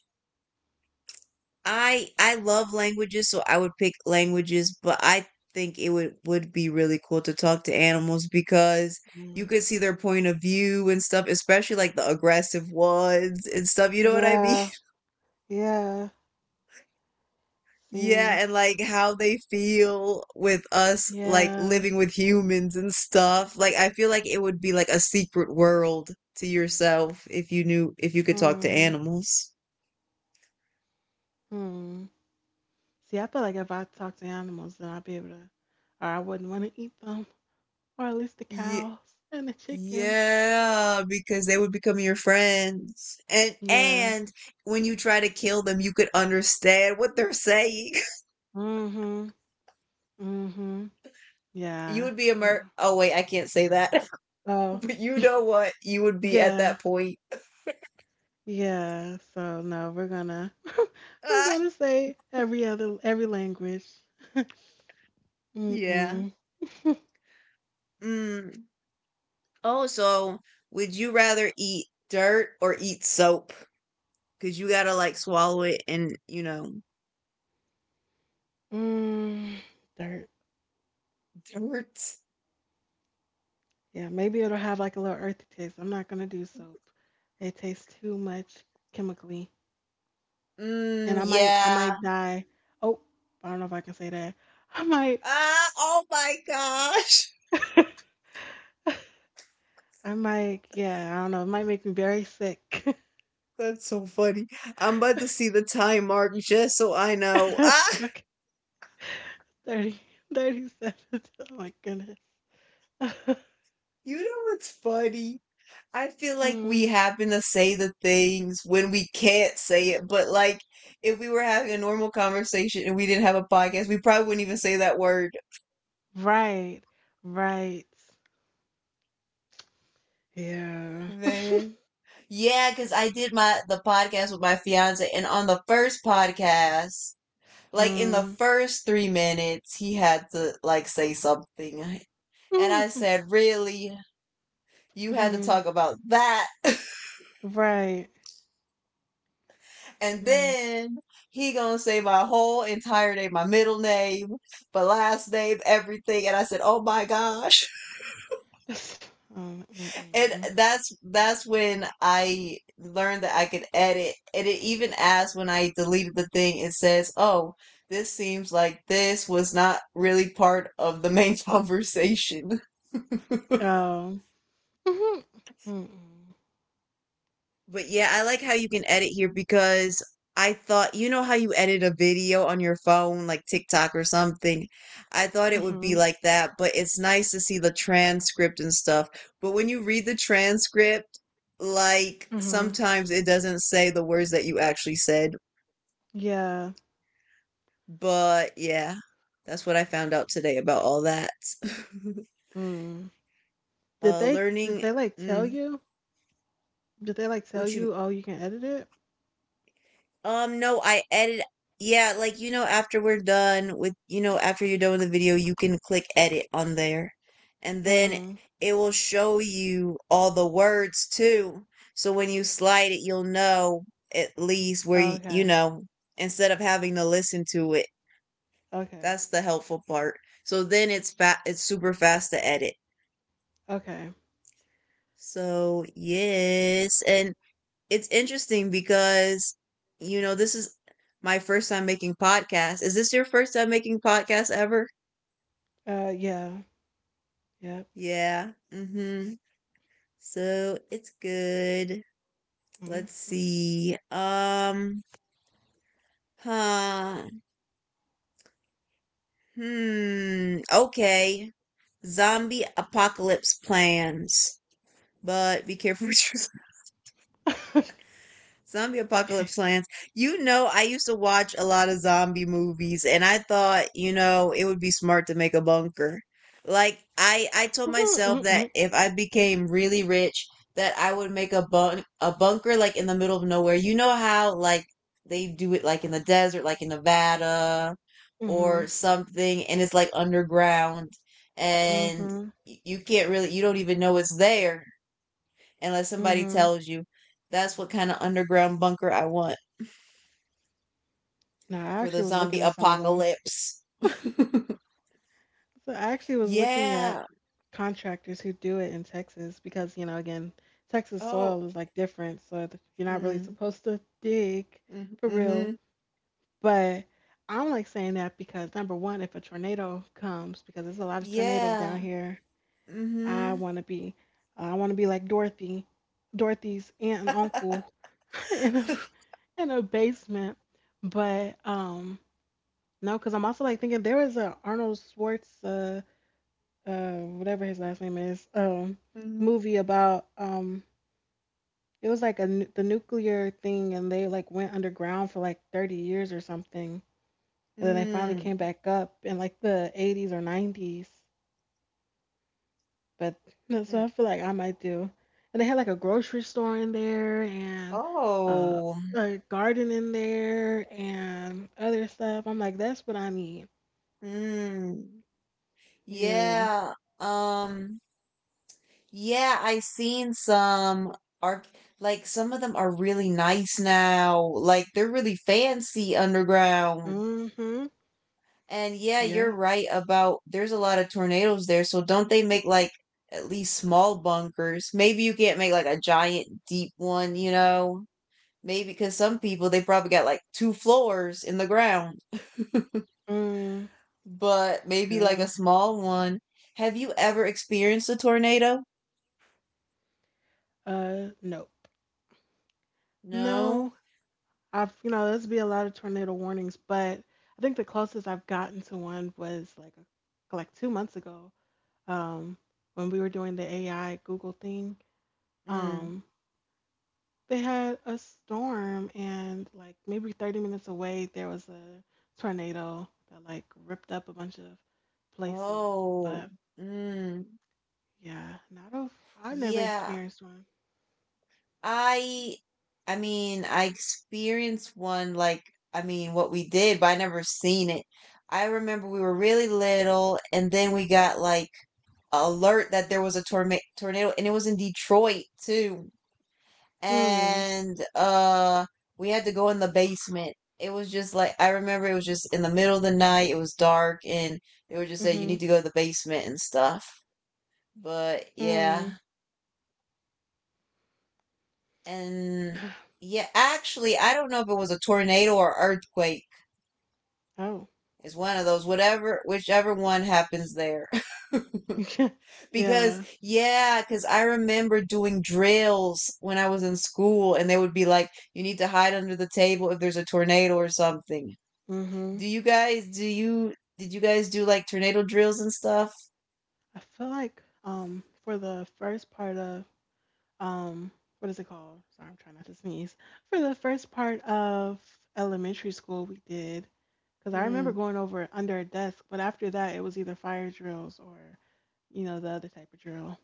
S1: I love languages, so I would pick languages, but I think it would be really cool to talk to animals because
S2: Mm.
S1: you could see their point of view and stuff, especially like the aggressive ones and stuff, you know what I mean?
S2: Yeah. Yeah. See.
S1: Yeah, and like how they feel with us like
S2: Yeah.
S1: living with humans and stuff. Like I feel like it would be like a secret world to yourself if you knew if you could talk to
S2: Hmm.
S1: animals.
S2: Hmm. See, I feel like if I talk to animals, then I wouldn't want to eat them, or at least the
S1: Yeah.
S2: cows and the chickens.
S1: Yeah, because they would become your friends. And
S2: Yeah.
S1: and when you try to kill them, you could understand what they're saying.
S2: Mm-hmm. Mm-hmm.
S1: You
S2: Yeah.
S1: would be a
S2: So,
S1: mer- Oh, wait, I can't say that.
S2: so,
S1: But you know what? You would be at
S2: yeah.
S1: that point.
S2: Yeah. So no, we're gonna we're
S1: Ah,
S2: gonna say every language.
S1: yeah.
S2: Mm-mm.
S1: Mm. Also, would you rather eat dirt or eat soap? Cuz you got to like swallow it and,
S2: Mm, dirt.
S1: dirt.
S2: Yeah, maybe it'll have like a little earthy taste. I'm not gonna do soap. It tastes too much chemically, and
S1: Mm,
S2: I
S1: yeah.
S2: might die. Oh, I don't know if I can say that. I might
S1: Ah, oh my gosh.
S2: I might yeah, I don't know. It might make me very sick.
S1: That's so funny. I'm about to see the time mark just so I know. Ah,
S2: Okay, 30, 37. Oh my goodness.
S1: you know what's funny? I feel like we
S2: Mm,
S1: happen to say the things when we can't say it, but like if we were having a normal conversation and we didn't have a podcast, we probably wouldn't even say that word.
S2: right, right. Yeah.
S1: Man. Yeah, because I did my the podcast with my fiance, and on the first podcast, like in the
S2: Mm,
S1: first 3 minutes, he had to like say something. And I
S2: mm,
S1: said, "Really? You had to
S2: mm,
S1: talk about that."
S2: right.
S1: And
S2: Mm.
S1: then he gonna say my whole entire name, my middle name, my last name, everything. And I said, "Oh my gosh."
S2: Yes.
S1: And
S2: Mm-mm.
S1: that's when I learned that I could edit. And it even asked when I deleted the thing, it says, "Oh, this seems like this was not really part of the main conversation."
S2: Oh. Mm-hmm. Mm-mm.
S1: But yeah, I like how you can edit here because I thought, you know how you edit a video on your phone, like TikTok or something? I thought it would be
S2: Mm-hmm.
S1: like that, but it's nice to see the transcript and stuff. But when you read the transcript, like
S2: Mm-hmm.
S1: sometimes it doesn't say the words that you actually said.
S2: Yeah.
S1: But yeah, that's what I found out today about all that.
S2: Mm. Did they did
S1: Learning,
S2: they like tell
S1: mm,
S2: you? Did they like tell
S1: what you
S2: you, oh, you can edit it?
S1: No, I edit yeah, like, after you're done with the video, you can click edit on there, and then
S2: Mm.
S1: it will show you all the words too, so when you slide it, you'll know at least where
S2: Okay.
S1: instead of having to listen to it.
S2: Okay.
S1: That's the helpful part. So then it's super fast to edit.
S2: Okay.
S1: So, yes, and it's interesting because you know this is my first time making podcasts. Is this your first time making podcasts ever?
S2: Yeah. Yep.
S1: Yeah. Mhm. So it's good. Let's
S2: Hmm.
S1: see. Huh. Hmm. Okay. Zombie apocalypse plans. But be careful what you're Zombie apocalypse
S2: Okay.
S1: plans. I used to watch a lot of zombie movies, and I thought, it would be smart to make a bunker. Like I told
S2: Mhm.
S1: myself that
S2: Mhm.
S1: if I became really rich that I would make a a bunker like in the middle of nowhere. You know how like they do it like in the desert, like in Nevada
S2: Mhm.
S1: or something, and it's like underground and
S2: Mm.
S1: you can't really, you don't even know it's there unless somebody
S2: Mhm.
S1: tells you. That's what kind of underground bunker I want
S2: No, I
S1: for the
S2: actually was looking
S1: zombie
S2: at some of them.
S1: apocalypse.
S2: So I actually was looking at
S1: yeah.
S2: contractors who do it in Texas because, you know, again, Texas
S1: Oh.
S2: soil is like different, so you're not really
S1: Mm,
S2: supposed to dig
S1: mm,
S2: for real.
S1: hmm
S2: But I don't like saying that because number one, if a tornado comes, because there's a lot of tornadoes down
S1: Yeah.
S2: here, I
S1: Mm-hmm.
S2: want to be, I want to be like Dorothy, Dorothy's aunt and uncle, in a basement. But no, because I'm also like thinking there was a Arnold Schwartz, whatever his last name is,
S1: Mm,
S2: movie about it was like the nuclear thing, and they like went underground for like 30 years or something and then they finally came
S1: mm,
S2: back up in like the 80s or 90s. But so
S1: mm.
S2: I feel like I might do. And they had like a grocery store in there and uh,
S1: Oh.
S2: a garden in there and other stuff. I'm like, that's what I need.
S1: Mm.
S2: Yeah.
S1: Yeah. Um. Yeah, I seen some are like some of them are really nice now. Like they're really fancy underground.
S2: Mm-hmm.
S1: And yeah,
S2: Yeah.
S1: you're right about there's a lot of tornadoes there. So don't they make like at least small bunkers? Maybe you can't make like a giant deep one, you know? Maybe because some people they probably got like two floors in the ground,
S2: Mm.
S1: but maybe like a
S2: Yeah.
S1: small one. Have you ever experienced a tornado?
S2: Nope.
S1: No?
S2: No. I've, you know, there's be a lot of tornado warnings, but I think the closest I've gotten to one was like like two months ago, um, when we were doing the AI Google thing,
S1: Mm.
S2: um, they had a storm, and like maybe 30 minutes away, there was a tornado that like ripped up a bunch of places.
S1: Oh.
S2: But
S1: Mm.
S2: yeah, not of I've never
S1: Yeah,
S2: experienced one.
S1: I I experienced one like, I mean, what we did, but I never seen it. I remember we were really little and then we got like a alert that there was a torma tornado and it was in Detroit too.
S2: Hmm.
S1: And we had to go in the basement. It was just like, I remember it was just in the middle of the night, it was dark and they would just say you
S2: Mm-hmm.
S1: need to go to the basement and stuff. But
S2: Hmm.
S1: yeah. And yeah, actually, I don't know if it was a tornado or earthquake.
S2: Oh.
S1: It's one of those, whatever, whichever one happens there. because,
S2: Yeah.
S1: yeah, because I remember doing drills when I was in school, and they would be like, you need to hide under the table if there's a tornado or something.
S2: Mm-hmm.
S1: Do you guys, do you, did you guys do like tornado drills and stuff?
S2: I feel like for the first part of um what is it called? Sorry, I'm trying not to sneeze. For the first part of elementary school, we did, because I remember
S1: Mm.
S2: going over under a desk, but after that, it was either fire drills or you know the other type of drill.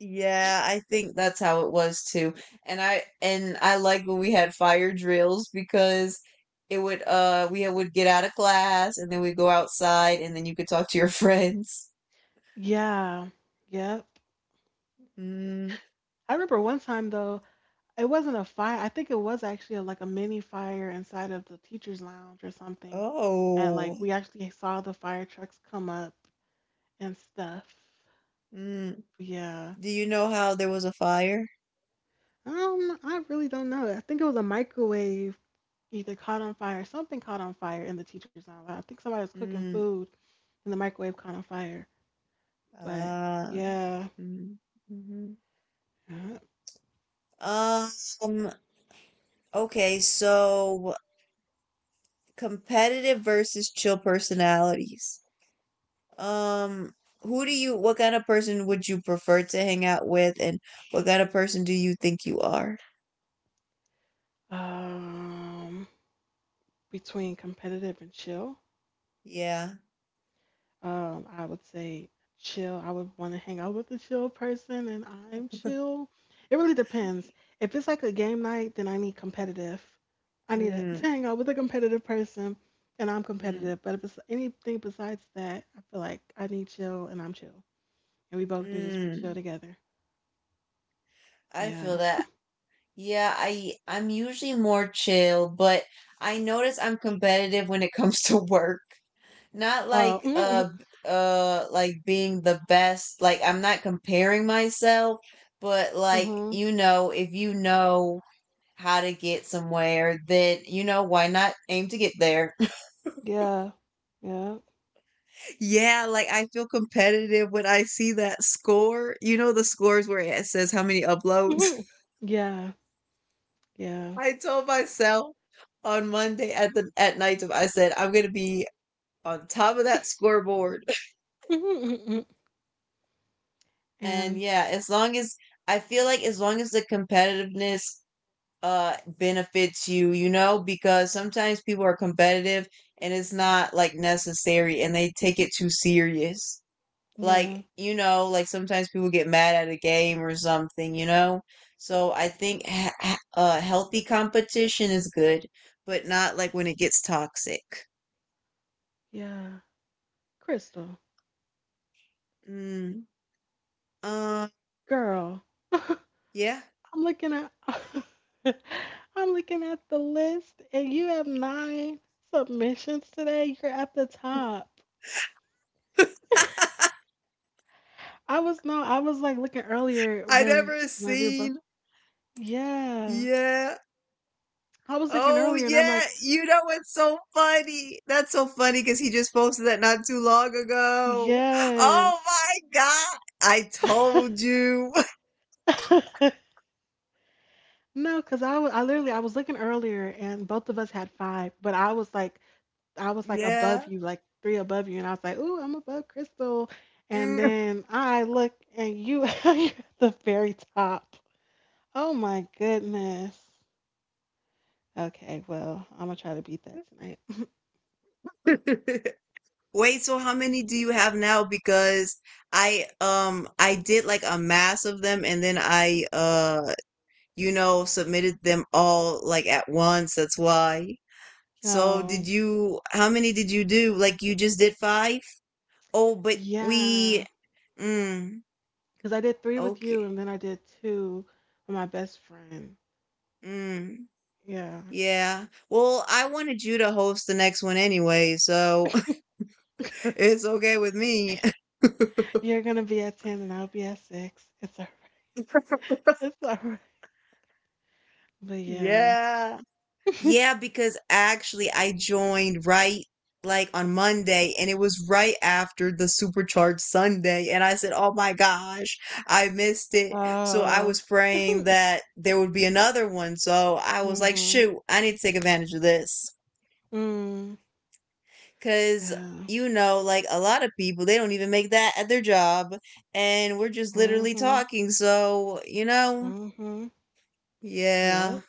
S1: Yeah, I think that's how it was too. And I like when we had fire drills because it would, we would get out of class and then we'd go outside and then you could talk to your friends.
S2: Yeah, yep.
S1: Mm.
S2: I remember one time though, it wasn't a fire. I think it was actually like a mini fire inside of the teachers' lounge or something, and
S1: Oh.
S2: like we actually saw the fire trucks come up and stuff.
S1: Mm.
S2: Yeah.
S1: Do you know how there was a fire?
S2: I really don't know. I think it was a microwave either caught on fire, something caught on fire in the teacher's lounge. I think somebody was cooking
S1: Mm.
S2: food and the microwave caught on fire. But
S1: Ah.
S2: yeah,
S1: Mm. Mhm.
S2: yeah.
S1: Um, okay, so competitive versus chill personalities. Um, what kind of person would you prefer to hang out with, and what kind of person do you think you are?
S2: um, Between competitive and chill,
S1: Yeah.
S2: I would say chill. I would want to hang out with a chill person, and I'm chill. It really depends. If it's like a game night, then I need competitive. I need to
S1: Mm,
S2: hang out with a competitive person, and I'm
S1: mm,
S2: competitive. But if it's anything besides that, I feel like I need chill, and I'm chill. And we both can just be chill
S1: mm.
S2: together.
S1: I feel
S2: Yeah.
S1: that. Yeah, I'm usually more chill, but I notice I'm competitive when it comes to work. Not
S2: Oh.
S1: like
S2: Mm-hmm.
S1: like being the best, like I'm not comparing myself, but
S2: Mm-hmm.
S1: like,
S2: Mm-hmm.
S1: you know, if you know how to get somewhere, then, you know, why not aim to get there?
S2: Yeah. Yeah.
S1: Yeah, like I feel competitive when I see that score. You know, the scores where it says how many uploads.
S2: Mm-hmm. Yeah. Yeah.
S1: I told myself on Monday at night, I said I'm gonna be on top of that scoreboard.
S2: Mm-hmm.
S1: And
S2: And
S1: yeah, as long as, I feel like as long as the competitiveness benefits you, you know, because sometimes people are competitive and it's not like necessary and they take it too serious. Like,
S2: yeah.
S1: you know, like sometimes people get mad at a game or something, you know. So I think healthy competition is good, but not like when it gets toxic.
S2: Yeah. Crystal,
S1: Mm, uh,
S2: girl, I'm
S1: yeah.
S2: looking at. I'm looking at the list, and you have nine submissions today. You're at the top. I was no, I was like looking earlier
S1: I
S2: when
S1: never
S2: when we were both.
S1: seen,
S2: Yeah,
S1: yeah.
S2: I was looking
S1: Oh
S2: earlier, and I'm
S1: yeah,
S2: like,
S1: you know what's so funny? That's so funny because he just posted that not too long ago.
S2: yes.
S1: Oh my god, I told you.
S2: No, cause I wa- I literally I was looking earlier and both of us had five, but I was like above
S1: yeah.
S2: you, like three above you, and I was like, "Ooh, I'm above Crystal." And
S1: Mm.
S2: then I look and you you're at the very top. Oh my goodness. Okay, well, I'm gonna try to beat that tonight.
S1: Wait, so how many do you have now? Because I, I did like a mass of them and then I, you know, submitted them all like at once. That's why. So did
S2: No.
S1: you how many did you do? Like, you just did five? Oh, but we,
S2: Yeah, cause
S1: mm,
S2: I did three with you
S1: okay.
S2: and then I did two with my best friend.
S1: Mm,
S2: Yeah.
S1: yeah. Well, I wanted you to host the next one anyway, so
S2: Okay.
S1: it's okay with me.
S2: You're gonna be at 10 and I'll be at 6. It's all right. It's alright. But yeah.
S1: Yeah. Yeah, because actually I joined right, like on Monday, and it was right after the supercharged Sunday and I said, "Oh my gosh, I missed it." So I
S2: Oh.
S1: was praying
S2: Mm.
S1: that there would be another one. So I was like,
S2: Mhm.
S1: "Shoot, I need to take advantage of this."
S2: Mm.
S1: Cuz
S2: Yeah.
S1: you know, like a lot of people, they don't even make that at their job and we're just literally
S2: Mm-hmm.
S1: talking. So, you know,
S2: Mm-hmm.
S1: yeah.
S2: Yep.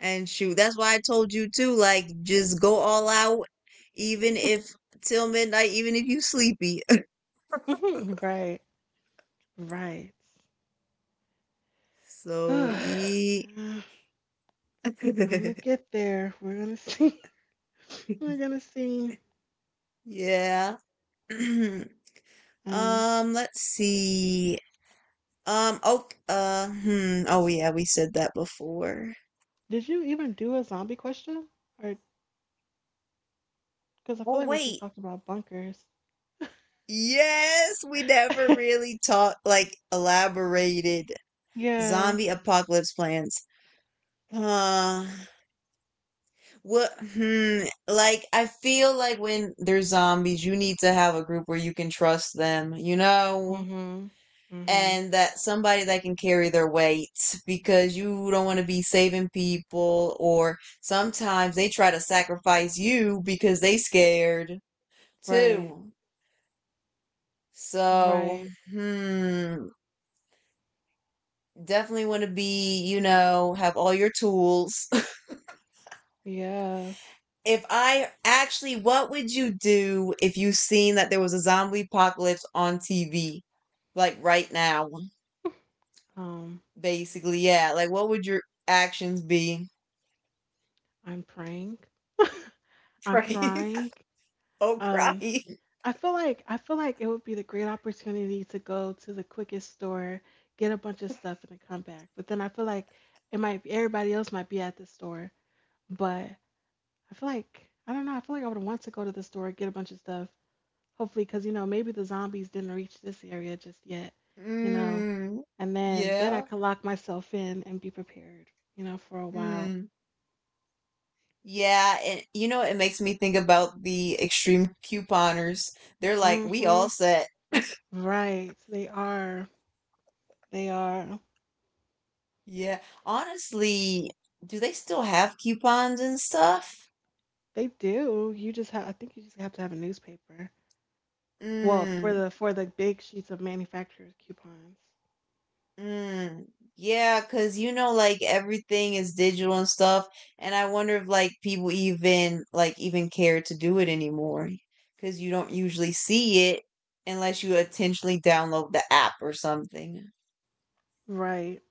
S1: And shoot, that's why I told you too, like just go all out, even if till midnight, even if you sleepy.
S2: Right. Right.
S1: So
S2: Yeah.
S1: eat.
S2: I'm gonna get there. We're gonna see. We're gonna see.
S1: Yeah.
S2: Um,
S1: Let's see. Oh, hmm. Oh, yeah, we said that before.
S2: did you even do a zombie question? Or because I feel
S1: Oh,
S2: like we just
S1: wait.
S2: talked about bunkers.
S1: Yes, we never really talked, like, elaborated
S2: yeah.
S1: zombie apocalypse plans. Uh, What? Hmm, like I feel like when there's zombies, you need to have a group where you can trust them, you know,
S2: Mm-hmm. Mm-hmm.
S1: and that somebody that can carry their weight because you don't want to be saving people, or sometimes they try to sacrifice you because they scared
S2: Right.
S1: too. So,
S2: Right.
S1: hmm, definitely want to be, you know, have all your tools.
S2: Yeah.
S1: If I actually, what would you do if you seen that there was a zombie apocalypse on TV, like right now,
S2: Um,
S1: basically? Yeah, like what would your actions be?
S2: I'm praying. I'm
S1: Praying.
S2: crying.
S1: oh,
S2: Um,
S1: crying.
S2: I feel like it would be the great opportunity to go to the quickest store, get a bunch of stuff, and then come back. But then I feel like it might be everybody else might be at the store, but I feel like I don't know. I feel like I would want to go to the store, get a bunch of stuff, hopefully, because you know maybe the zombies didn't reach this area just yet, you know.
S1: Mm,
S2: And then I
S1: yeah.
S2: could lock myself in and be prepared, you know, for a while.
S1: Mm. Yeah, and you know, it makes me think about the extreme couponers. They're like, we
S2: Mm-hmm.
S1: all set.
S2: Right. They are. They are.
S1: Yeah. Honestly, do they still have coupons and stuff?
S2: They do. You just have. I think you just have to have a newspaper. Well,
S1: Mm.
S2: for the big sheets of manufacturers coupons.
S1: Mm, yeah, because you know, like everything is digital and stuff, and I wonder if like people even care to do it anymore because you don't usually see it unless you intentionally download the app or something.
S2: Right.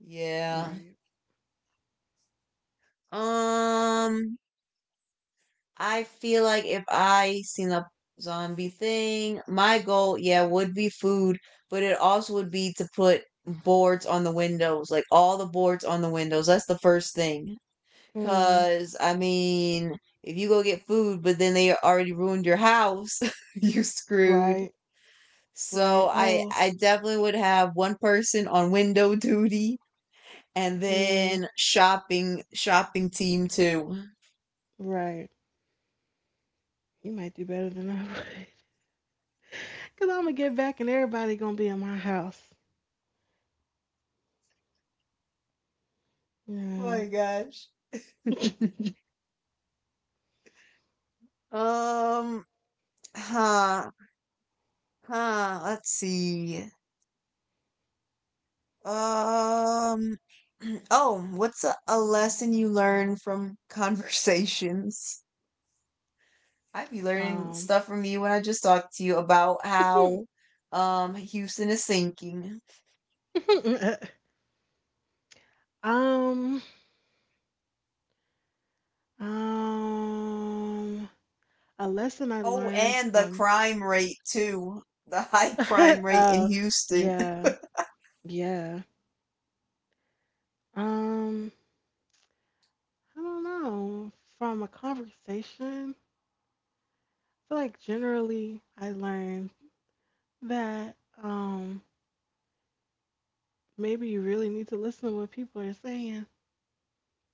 S1: Yeah.
S2: Right.
S1: Um, I feel like if I seen a zombie thing, my goal, yeah, would be food, but it also would be to put boards on the windows, like all the boards on the windows. That's the first thing.
S2: Mm,
S1: Cause I mean, if you go get food, but then they already ruined your house, you screwed.
S2: right. Right.
S1: So I
S2: Oh.
S1: I definitely would have one person on window duty and
S2: Mm,
S1: then shopping team too.
S2: right. You might do better than I would. Cause I'm gonna get back and everybody gonna be in my house.
S1: Oh
S2: Yeah.
S1: my gosh. Um huh let's see. Um oh, what's a lesson you learn from conversations? I be learning
S2: Um.
S1: stuff from you when I just talked to you about how Houston is sinking.
S2: um. Um. A lesson I
S1: Oh,
S2: learned
S1: and the
S2: from.
S1: crime rate too. The high crime rate in
S2: oh.
S1: Houston.
S2: Yeah. Yeah. Um. I don't know. From a conversation, I feel like generally I learned that um, maybe you really need to listen to what people are saying.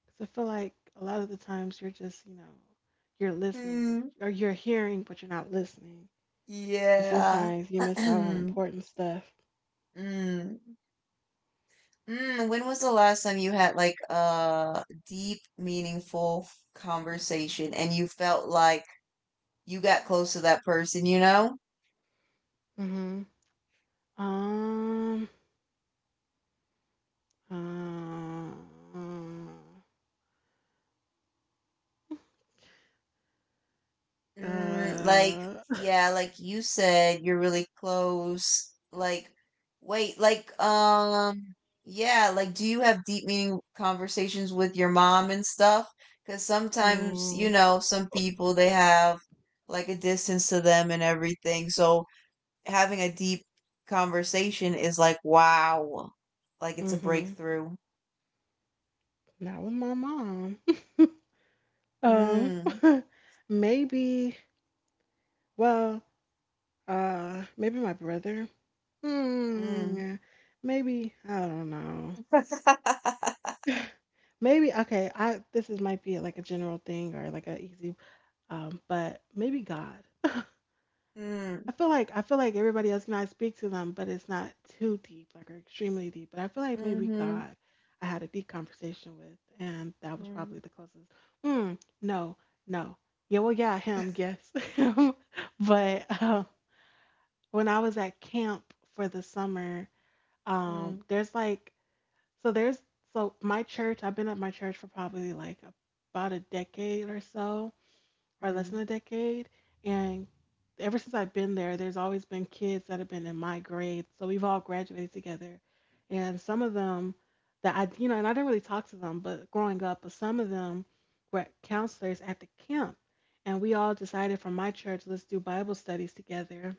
S2: Because I feel like a lot of the times you're just, you know, you're listening, but
S1: Hmm.
S2: or you're hearing, but you're not listening. And
S1: Yeah.
S2: sometimes you miss out on important stuff.
S1: Mm. Mm. When was the last time you had like a deep, meaningful conversation and you felt like you got close to that person, you know?
S2: Hmm Um, um,
S1: Mm,
S2: uh,
S1: like, yeah, like you said, you're really close. Like, wait, like, yeah, like, do you have deep, meaning conversations with your mom and stuff? Because sometimes, you
S2: mm,
S1: know, some people they have like a distance to them and everything. So, having a deep conversation is like, wow, like it's a
S2: hmm
S1: breakthrough.
S2: Not with my mom. Um,
S1: Mm,
S2: maybe. Well, maybe my brother. Hmm.
S1: mm.
S2: yeah. Maybe I don't know. Maybe okay. I this is might be like a general thing or like a easy. But maybe God.
S1: mm,
S2: I feel like everybody else can I speak to them, but it's not too deep, like or extremely deep. But I feel like maybe
S1: mm-hmm,
S2: God. I had a deep conversation with, and that was
S1: mm,
S2: probably the closest. Hmm. No. No. Yeah. Well. Yeah. Him. Yes. him. But. When I was at camp for the summer,
S1: mm,
S2: there's like so there's so my church, I've been at my church for probably like about a decade or so, or less
S1: mm,
S2: than a decade. And ever since I've been there, there's always been kids that have been in my grade. So we've all graduated together. And some of them that I you know, and I didn't really talk to them, but growing up, but some of them were counselors at the camp. And we all decided from my church, let's do Bible studies together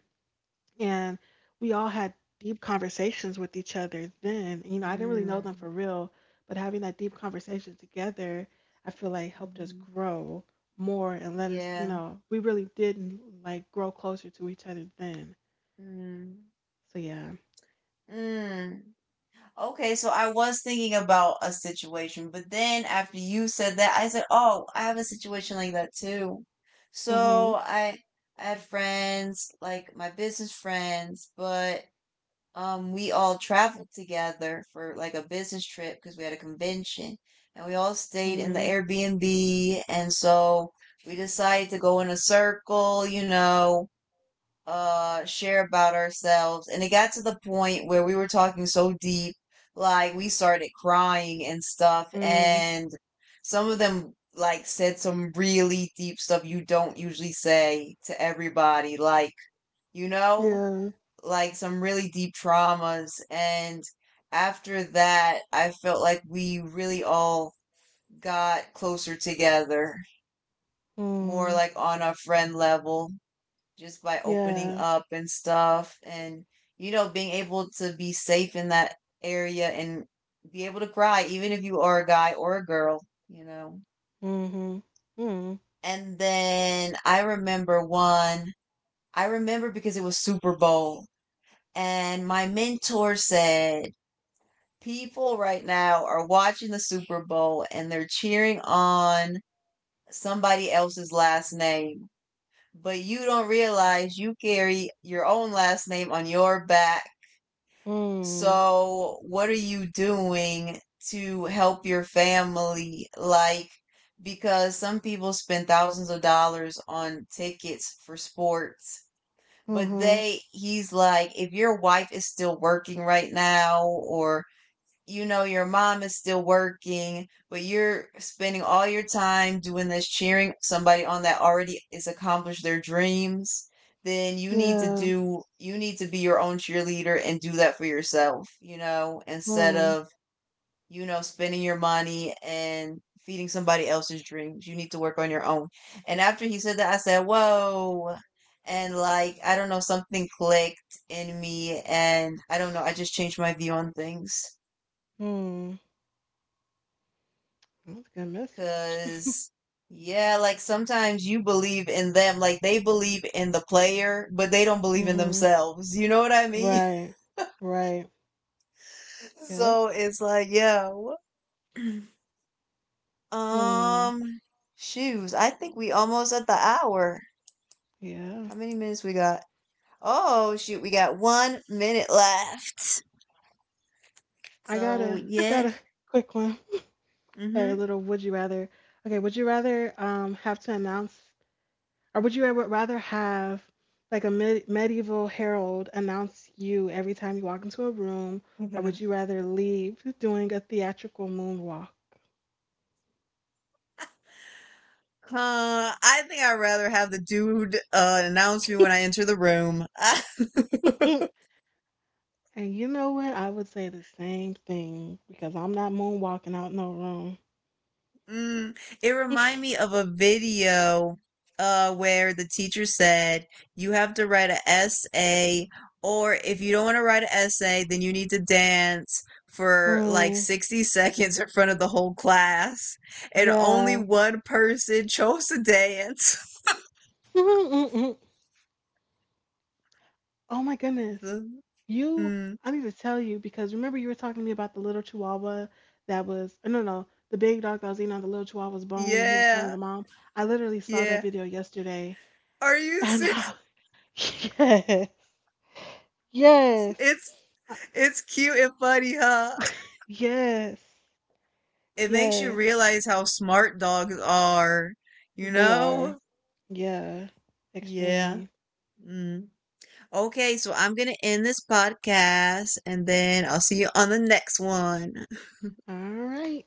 S2: and we all had deep conversations with each other then. You know, I didn't really know them
S1: mm,
S2: for real, but having that deep conversation together, I feel like helped us
S1: hmm
S2: grow more and let us, you
S1: Yeah.
S2: know, we really did like grow closer to each other then.
S1: Mm,
S2: So yeah.
S1: mm. Okay, so I was thinking about a situation, but then after you said that, I said, oh, I have a situation like that too. So
S2: Mhm.
S1: I had friends, like my business friends, but, we all traveled together for like a business trip because we had a convention and we all stayed in the
S2: Mhm.
S1: Airbnb. And so we decided to go in a circle, you know, share about ourselves. And it got to the point where we were talking so deep, like we started crying and stuff.
S2: Mm.
S1: And some of them like said some really deep stuff you don't usually say to everybody, like, you know?
S2: Yeah.
S1: Like some really deep traumas, and after that I felt like we really all got closer together, more
S2: Mm.
S1: like on a friend level, just by opening
S2: Yeah.
S1: up and stuff and, you know, being able to be safe in that area and be able to cry even if you are a guy or a girl, you know.
S2: Mhm. Mm.
S1: And then I remember one, I remember because it was Super Bowl and my mentor said people right now are watching the Super Bowl and they're cheering on somebody else's last name, but you don't realize you carry your own last name on your back.
S2: Mm.
S1: So, what are you doing to help your family? Like, because some people spend thousands of dollars on tickets for sports. But
S2: Mhm.
S1: they, he's like, if your wife is still working right now, or you know your mom is still working, but you're spending all your time doing this, cheering somebody on that already is accomplished their dreams, then
S2: Yeah.
S1: you need to be your own cheerleader and do that for yourself, you know, instead
S2: Mm.
S1: of, you know, spending your money and feeding somebody else's dreams. You need to work on your own. And after he said that, I said, "Whoa." And like, I don't know, something clicked in me and I don't know, I just changed my view on things.
S2: Mm. That's a good message.
S1: Cause yeah, like sometimes you believe in them, like they believe in the player, but they don't believe in
S2: mhm.
S1: themselves. You know what I mean?
S2: Right. Right. Yep.
S1: So it's like, yeah.
S2: Hmm.
S1: Um, shoes. I think we almost at the hour.
S2: Yeah.
S1: How many minutes we got? Oh shoot, we got 1 minute left.
S2: I got
S1: So yeah.
S2: a quick one. Like
S1: Mm-hmm.
S2: a little would you rather. Okay, would you rather have to announce or would you ever rather have like a medieval herald announce you every time you walk into a room, or would you rather leave doing a theatrical moonwalk?
S1: I think I'd rather have the dude announce me when I enter the room. I,
S2: And you know what? I would say the same thing because I'm not moonwalking out no
S1: mm, it
S2: room.
S1: remind me of a video where the teacher said you have to write an essay, or if you don't want to write an essay then you need to dance for like
S2: Mm,
S1: 60 seconds in front of the whole class, and only
S2: yeah.
S1: one person chose to dance.
S2: Oh my goodness. You,
S1: Mm,
S2: I need to tell you because remember you were talking to me about the little chihuahua that was, no, the big dog that was eating on the little chihuahua's bone and he was telling
S1: yeah.
S2: the mom. I literally saw that
S1: Yeah.
S2: video yesterday
S1: Are you
S2: and
S1: serious?
S2: yes, yes,
S1: It's
S2: uh,
S1: it's cute and funny, huh?
S2: yes,
S1: It makes you
S2: yes,
S1: realize how smart dogs are, you
S2: they are.
S1: know?
S2: Yeah,
S1: Yeah.
S2: extremely.
S1: Mm. Okay, so I'm going to end this podcast and then I'll see you on the next one.
S2: All right.